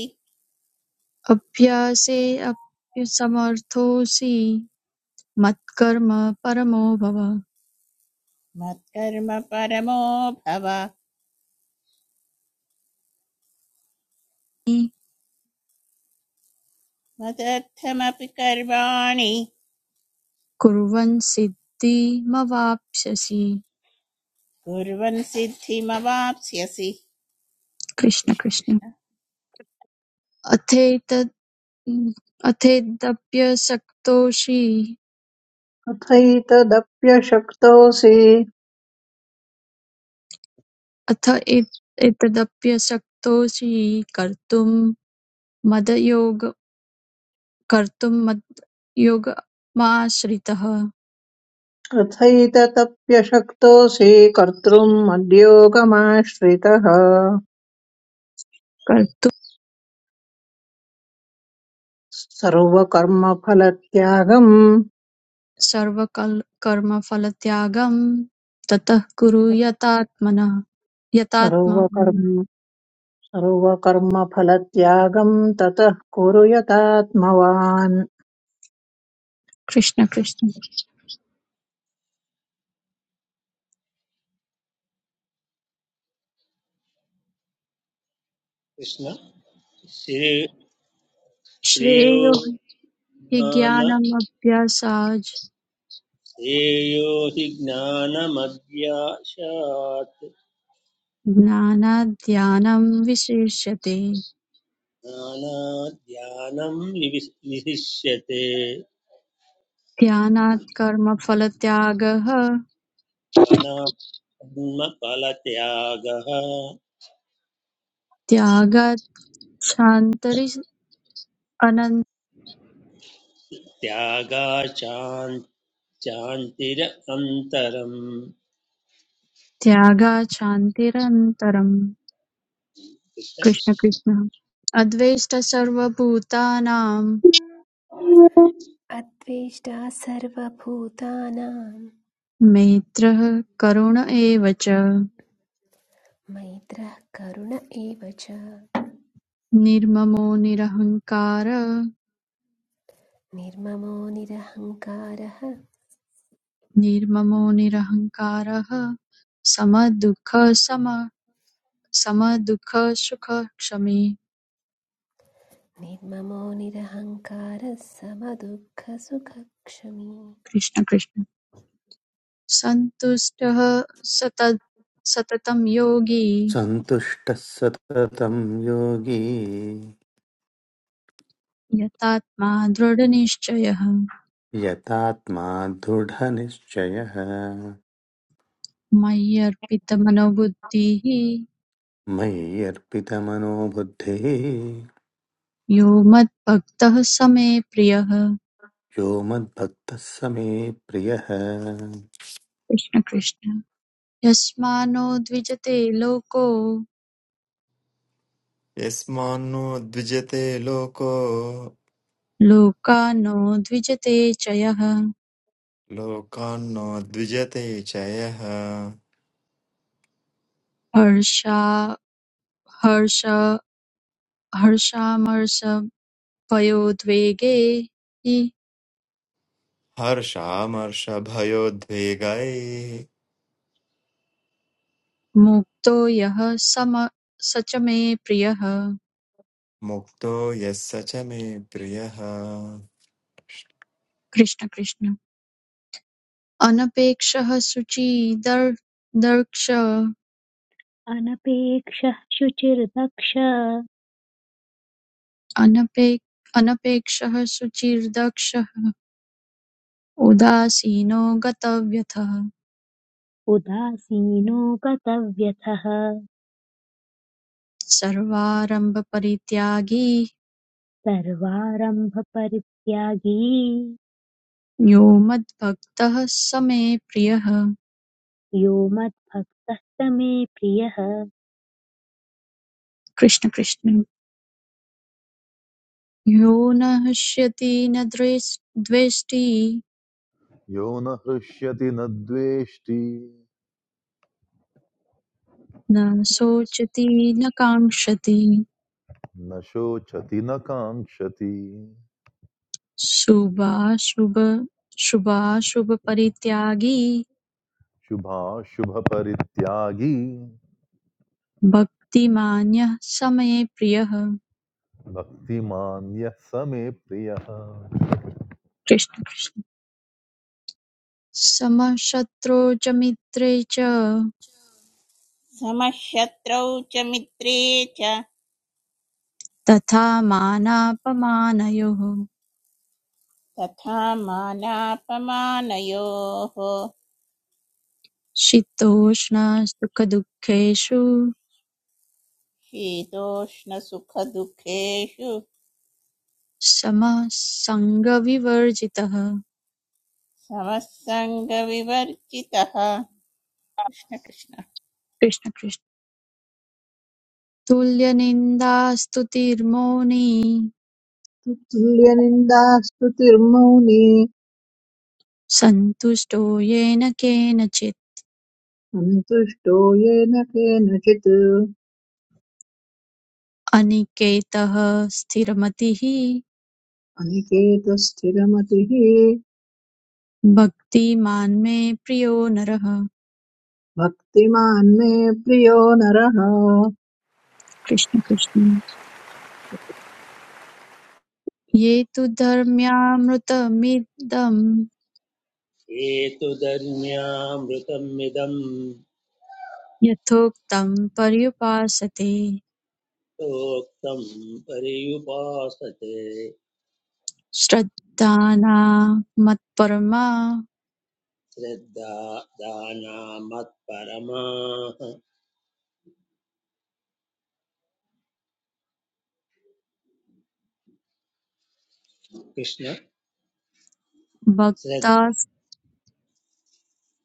S5: अभ्यासे अप्- समर्थोऽसि मत्कर्म परमो भव
S3: मत्कर्म परमो भव
S5: हि
S3: मदर्थमपि कर्माणि
S5: कुर्वन् सिद्धिमवाप्स्यसि
S3: कुर्वन् सिद्धिमवाप्स्यसि
S5: कृष्ण
S3: कृष्ण
S5: कृष्ण
S3: कृष्ण
S5: अथेतद् अथेदप्यसक्तोऽसि
S4: अथैतदप्यशक्तोऽसि
S5: अथ एत्- एतदप्यसक्तोऽसि कर्तुं मदयोग कर्तुं मदयोगमाश्रितः
S4: अथैतदप्यशक्तोऽसि कर्तृम् मद्योगमाश्रितः सर्वकर्मफलत्यागम्
S5: सर्वकर्मफलत्यागं ततः कुरु यतात्मनः यतात्मानं
S4: सर्वकर्म सर्वकर्मफलत्यागम् ततः कुरु यतात्मवान्
S5: कृष्ण कृष्ण
S6: कृष्ण श्री श्रियो
S5: श्रेयो हि
S6: ज्ञान
S5: ज्ञानमभ्यासाज्
S6: श्रेयो हि ज्ञानमध्याशात्
S5: ज्ञानात् ध्यानं विशिष्यते
S6: ज्ञानाध्यानम् विविस्- विशिष्यते
S5: ध्यानात् कर्मफलत्यागः
S6: अनात्मफलत्यागः
S5: त्यागात् शान्तरि अनन्
S6: त्यागाचान्त्यः शान्तिरन्तरम्
S5: त्यागात् शान्तिरन्तरम्
S6: कृष्ण
S5: कृष्ण
S6: कृष्ण
S5: कृष्ण अद्वेष्ट सर्वभूतानां
S7: अद्वेष्टा सर्वभूतानां
S5: मैत्रः करुण एव च
S7: मैत्रः करुण एव च
S5: निर्ममो निरहङ्कारः
S7: निर्ममो निरहङ्कारः
S5: निर्ममो निरहङ्कारः समदुःखसम- समदुःखसुखक्षमी
S7: निर्ममो निरहङ्कारः समदुःखसुखक्षमी
S5: कृष्ण कृष्ण सन्तुष्टः सतत सततं योगी
S9: सन्तुष्टः सततं योगी
S5: यतात्मा दृढनिश्चयः
S9: यतात्मा दृढनिश्चयः
S5: मय्यर्पितमनोबुद्धिः
S9: मयि अर्पितमनो बुद्धिः
S5: यो मद्भक्तः स मे प्रियः
S9: यो मद्भक्तः स मे प्रियः
S5: कृष्ण कृष्ण यस्मानो द्विजते लोको
S10: यस्मान्नो द्विजते लोको
S5: लोकानो द्विजते च यः
S10: लोकान्नो द्विजते च यः
S5: हर्षा हर्ष हर्षामर्षभयोद्वेगे हि
S10: हर्षामर्षभयोद्वेगैः
S5: मुक्तो यः सम स च मे प्रियः
S10: मुक्तो यः स च मे प्रियः
S5: कृष्ण कृष्ण अनपेक्षः शुचिर्दर् दर्क्ष
S2: अनपेक्षः शुचिर्दक्ष
S5: अनपे अनपेक्षः शुचिर्दक्षः उदासीनो गतव्यथः
S2: उदासीनो गतव्यथः
S5: सर्वारम्भपरित्यागी
S2: सर्वारम्भपरित्यागी
S5: यो मद्भक्तः स मे प्रियः
S2: यो मद्भक्तः स मे प्रियः
S5: कृष्ण कृष्ण यो न हृष्यति न द्वेष- द्वेष्टि
S1: यो न हृष्यति न द्वेष्टि
S5: न शोचति न काङ्क्षति
S1: न शोचति न काङ्क्षति
S5: शुभाशुभ शुभाशुभपरित्यागी
S1: शुभाशुभपरित्यागी
S5: भक्तिमान्यः स मे प्रियः
S1: भक्तिमान् यः स मे प्रियः
S5: कृष्ण कृष्ण समशत्रौ च मित्रे च
S3: समः शत्रौ च मित्रे च
S5: तथा मानापमानयोः
S3: तथा मानापमानयोः
S5: शीतोष्णसुखदुःखेषु
S3: शीतोष्णसुखदुःखेषु
S5: समः सङ्गविवर्जितः
S3: समसङ्गविवर्जितः कृष्ण कृष्ण
S5: कृष्ण कृष्ण तुल्यनिन्दास्तुतिर्मौनी
S4: तुल्यनिन्दास्तुतिर्मौनी
S5: सन्तुष्टो येन केनचित्
S4: सन्तुष्टो येन केनचित्
S5: अनिकेतः स्थिरमतिः
S4: अनिकेतस्थिरमतिः
S5: भक्तिमान् मे प्रियो नरः
S4: भक्तिमान् मे प्रियो नरः
S5: कृष्ण कृष्ण ये तु धर्म्यामृतमिदं
S6: हेतुधर्म्यामृतमिदम्
S5: यथोक्तं पर्युपासते
S6: प्रोक्तम् पर्युपासते
S5: श्रद्धाना मत्परमा
S6: श्रद्धा दाना मत्परमाः कृष्ण
S5: भक्तास्ते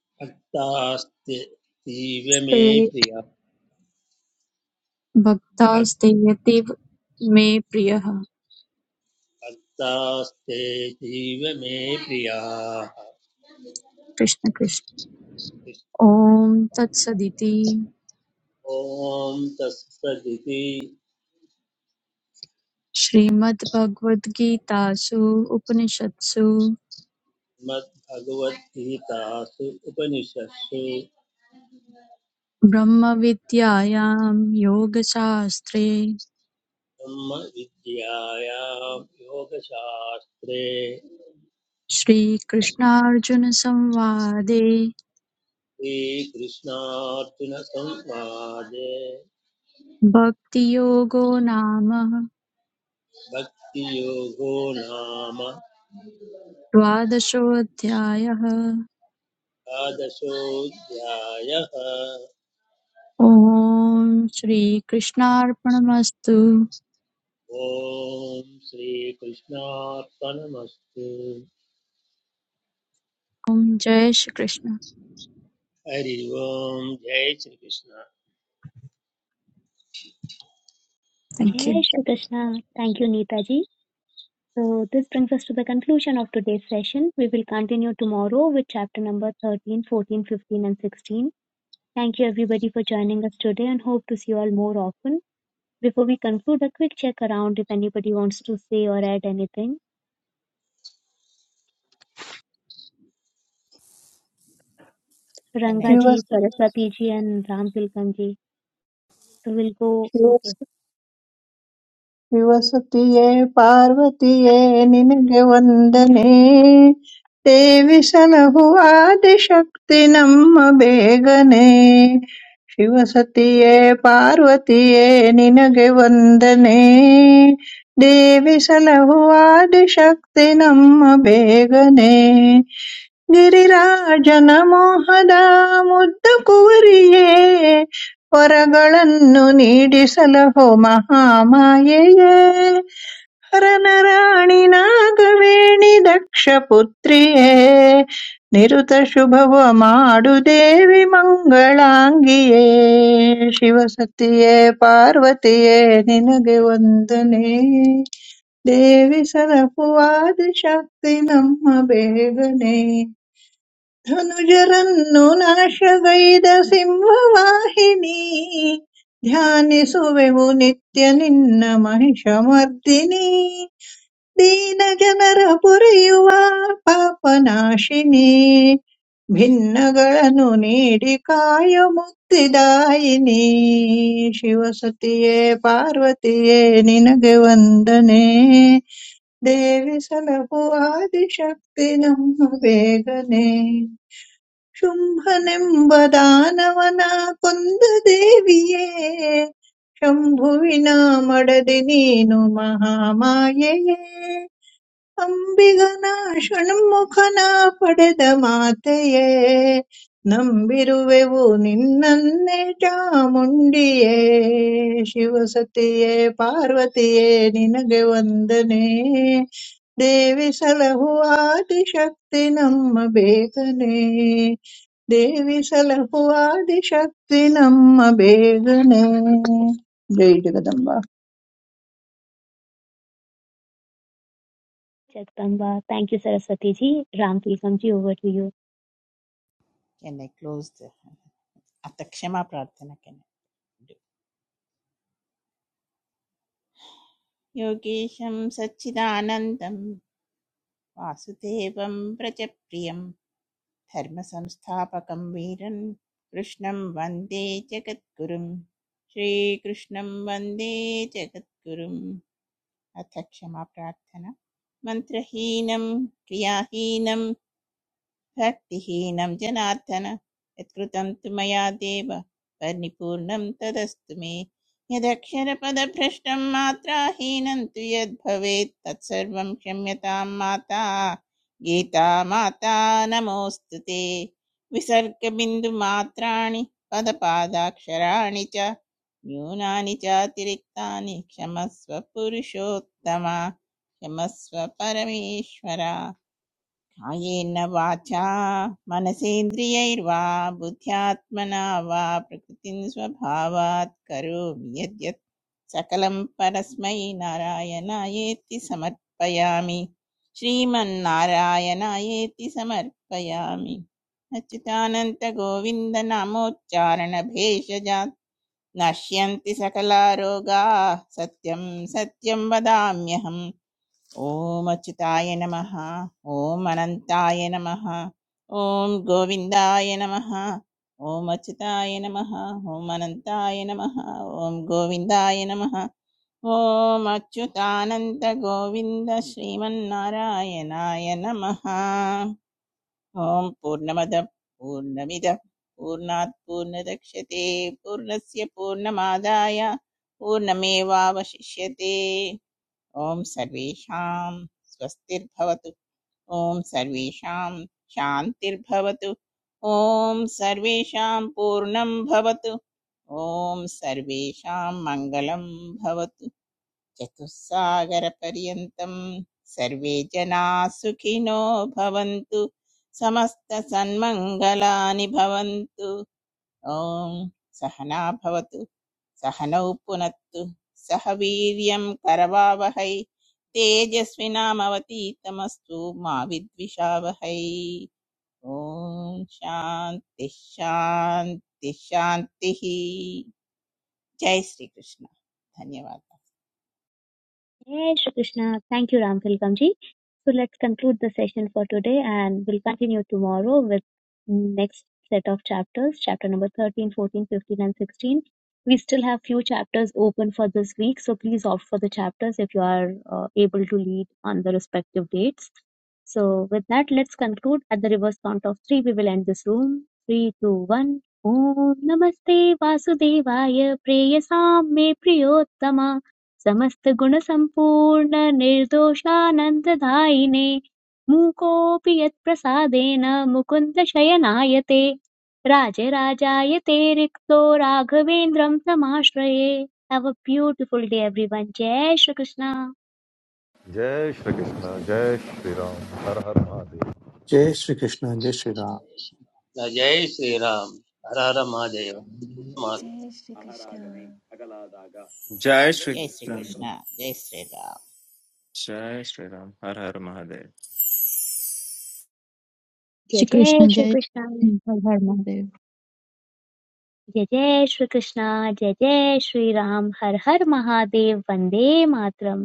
S6: श्रद्भक्तास्ते जीव मे प्रिया भक्ति
S5: भक्तास्तेयतेव मे प्रियः
S6: भक्तास्ते जीव मे प्रियाः
S5: कृष्ण कृष्ण ॐ तत्सदिति
S6: ओम ॐ तत्सदिति
S5: श्रीमद्भगवद्गीतासु उपनिषत्सु
S6: श्रीमद्भगवद्गीतासु उपनिषत्सु
S5: ब्रह्मविद्यायां योगशास्त्रे
S6: ब्रह्मविद्यायां योगशास्त्रे
S5: श्रीकृष्णार्जुनसंवादे
S6: श्रीकृष्णार्जुनसंवादे
S5: भक्तियोगो नाम
S6: भक्तियोगो नाम
S5: द्वादशोऽध्यायः
S6: द्वादशोऽध्यायः
S5: ॐ श्रीकृष्णार्पणमस्तु
S6: ॐ श्रीकृष्णार्पणमस्तु
S5: ॐ जय श्रीकृष्ण
S6: हरि ओम् जय Shrikrishna
S5: thank you
S2: Jai Shri Krishna. Thank you, Neetaji. So, this brings us to the conclusion of today's session. We will continue tomorrow with chapter number 13, 14, 15, and 16. Thank you everybody for joining us today and hope to see you all more often. Before we conclude, a quick check around if anybody wants to say or add anything.
S3: Chennai
S2: Rangaji, Saraswati ji, and Ram Tilakam ji. So we'll go.
S4: Shiva
S2: Okay,
S4: ವಿವಸುತಿಯೇ ಪಾರ್ವತಿಯೇ ನಿನಗೆ ವಂದನೆ ದೇವಿ ಸಲಹು ಆದಿಶಕ್ತಿ ನಮ್ಮ ಬೇಗನೆ ಶಿವಸತಿಯೇ ಪಾರ್ವತಿಯೇ ನಿನಗೆ ವಂದನೆ ದೇವಿ ಸಲಹು ಆದಿಶಕ್ತಿ ನಮ್ಮ ಬೇಗನೆ ಗಿರಿರಾಜನ ಮೋಹದ ಮುದ್ದ ಕುವರಿಯೇ ವರಗಳನ್ನು ನೀಡಿಸಲಹೋ ಮಹಾಮಾಯೆಯೇ ಹರನ ರಾಣಿ ನಾಗವೇಣಿ ದಕ್ಷ ಪುತ್ರಿಯೇ ನಿರುತ ಶುಭವ ಮಾಡು ದೇವಿ ಮಂಗಳಾಂಗಿಯೇ ಶಿವಸತಿಯೇ ಪಾರ್ವತಿಯೇ ನಿನಗೆ ವಂದನೆ ದೇವಿ ಸರಪುವಾದಿ ಶಕ್ತಿ ನಮ್ಮ ಬೇಗನೆ ಧನುಜರನ್ನು ನಾಶಗೈದ ಸಿಂಹವಾಹಿನಿ ಧ್ಯಾನಿಸುವೆವು ನಿತ್ಯ ನಿನ್ನ ಮಹಿಷಮರ್ದಿನಿ ದೀನ ಜನರ ಪುರಿಯುವ ಪಾಪನಾಶಿನಿ ಭಿನ್ನಗಳನ್ನು ನೀಡಿ ಕಾಯ ಮುಕ್ತಿದಾಯಿನಿ ಶಿವಸತಿಯೇ ಪಾರ್ವತಿಯೇ ನಿನಗೆ ವಂದನೆ ದೇವಿ ಸಲಹು ಆದಿಶಕ್ತಿ ನಮ್ಮ ಬೇಗನೆ ಶುಂಭನೆಂಬದಾನವನ ಕೊಂದ ದೇವಿಯೇ ಶಂಭುವಿನ ಮಡದಿ ನೀನು ಮಹಾಮಾಯೆಯೇ ಅಂಬಿಗನ ಷಣ್ಮುಖನ ಪಡೆದ ಮಾತೆಯೇ ನಂಬಿರುವೆವು ನಿನ್ನನ್ನೇ ಚಾಮುಂಡಿಯೇ ಶಿವಸತಿಯೇ ಪಾರ್ವತಿಯೇ ನಿನಗೆ ವಂದನೆ ದೇವಿ ಸಲಹು ಆದಿಶಕ್ತಿ ನಮ್ಮ ಬೇಗನೆ దేవి సలహువాది శక్తి నమ్మ బేగనే జై Jagdamba
S2: Jagdamba. Thank you, Saraswati ji. Ram Tilakam ji, over to you.
S3: Chennai close अथ क्षमा प्रार्थना चेन्नै योगीशं सच्चिदानन्दं वासुदेवं व्रजप्रियं धर्मसंस्थापकं वीरन् कृष्णं वन्दे जगद्गुरुं श्रीकृष्णं वन्दे जगद्गुरुम् अथ क्षमा प्रार्थना मन्त्रहीनं क्रियाहीनं भक्तिहीनं जनार्दन यत्कृतं तु मया देव परिपूर्णं तदस्तु मे यदक्षरपदभ्रष्टं मात्राहीनं तु यद्भवेत् तत्सर्वं क्षम्यतां माता गीता माता नमोऽस्तु ते विसर्गबिन्दुमात्राणि पदपादाक्षराणि च न्यूनानि चातिरिक्तानि क्षमस्व पुरुषोत्तमा क्षमस्व परमेश्वर कायेन वाचा मनसेन्द्रियैर्वा बुद्ध्यात्मना वा प्रकृतिं स्वभावात् करोमि यद्यत् सकलं परस्मै नारायणायेति समर्पयामि श्रीमन्नारायणायेति समर्पयामि अच्युतानन्तगोविन्दनामोच्चारणभेषजात् नश्यन्ति सकला रोगाः सत्यं सत्यं वदाम्यहम् ॐ अच्युताय नमः ॐ अनन्ताय नमः ॐ गोविन्दाय नमः ॐ अच्युताय नमः ॐ अनन्ताय नमः ॐ गोविन्दाय नमः ॐ अच्युतानन्त गोविन्द श्रीमन्नारायणाय नमः ॐ पूर्णमद पूर्णमिद पूर्णात् पूर्णदक्ष्यते पूर्णस्य पूर्णमादाय पूर्णमेवावशिष्यते ॐ सर्वेषां स्वस्तिर्भवतु ॐ सर्वेषां शान्तिर्भवतु ॐ सर्वेषां पूर्णं भवतु ॐ सर्वेषां मङ्गलं भवतु चतुस्सागरपर्यन्तं सर्वे जनाः सुखिनो भवन्तु समस्तसन्मङ्गलानि भवन्तु ॐ सहना भवतु सहनौ पुनत्तु सह वीर्यं करवावहै तेजस्विनामवतीतमस्तु मा विद्विषावहै ॐ शान्तिः शान्तिः शान्तिः जय श्रीकृष्ण धन्यवादः
S2: Yes, Shri Krishna. Thank you, Ram Ramtilkamji. So let's conclude the session for today and we'll continue tomorrow with next set of chapters, chapter number 13, 14, 15, and 16. We still have few chapters open for this week, so please opt for the chapters if you are uh, able to lead on the respective dates. So with that, let's conclude. At the reverse count of three, we will end this room. Three, two, one. Om Namaste Vasudevaya Preyasam Me Priyottama समस्तगुणसम्पूर्णनिर्दोषानन्ददायिने मूकोऽपि यत्प्रसादेन मुकुन्दशयनाय ते राजराजाय ते रिक्तो राघवेन्द्रं समाश्रये have a beautiful day everyone जय श्रीकृष्ण
S1: जय श्रीकृष्ण जय श्रीराम हर हर महादेव
S9: जय श्रीकृष्ण जय
S6: जय श्रीराम हर हर महादेव
S7: जय श्रीकृष्ण
S10: जय श्री
S3: जय
S10: राम
S3: श्रीकृष्ण जय श्रीराम
S10: जय श्रीराम हर हर महादेव
S2: जय
S5: श्री
S2: जय
S5: कृष्ण जय
S2: श्रीकृष्ण
S5: हर हर महादेव
S2: जय जय श्रीकृष्ण जय जय श्रीराम हर हर महादेव वन्दे मातरम्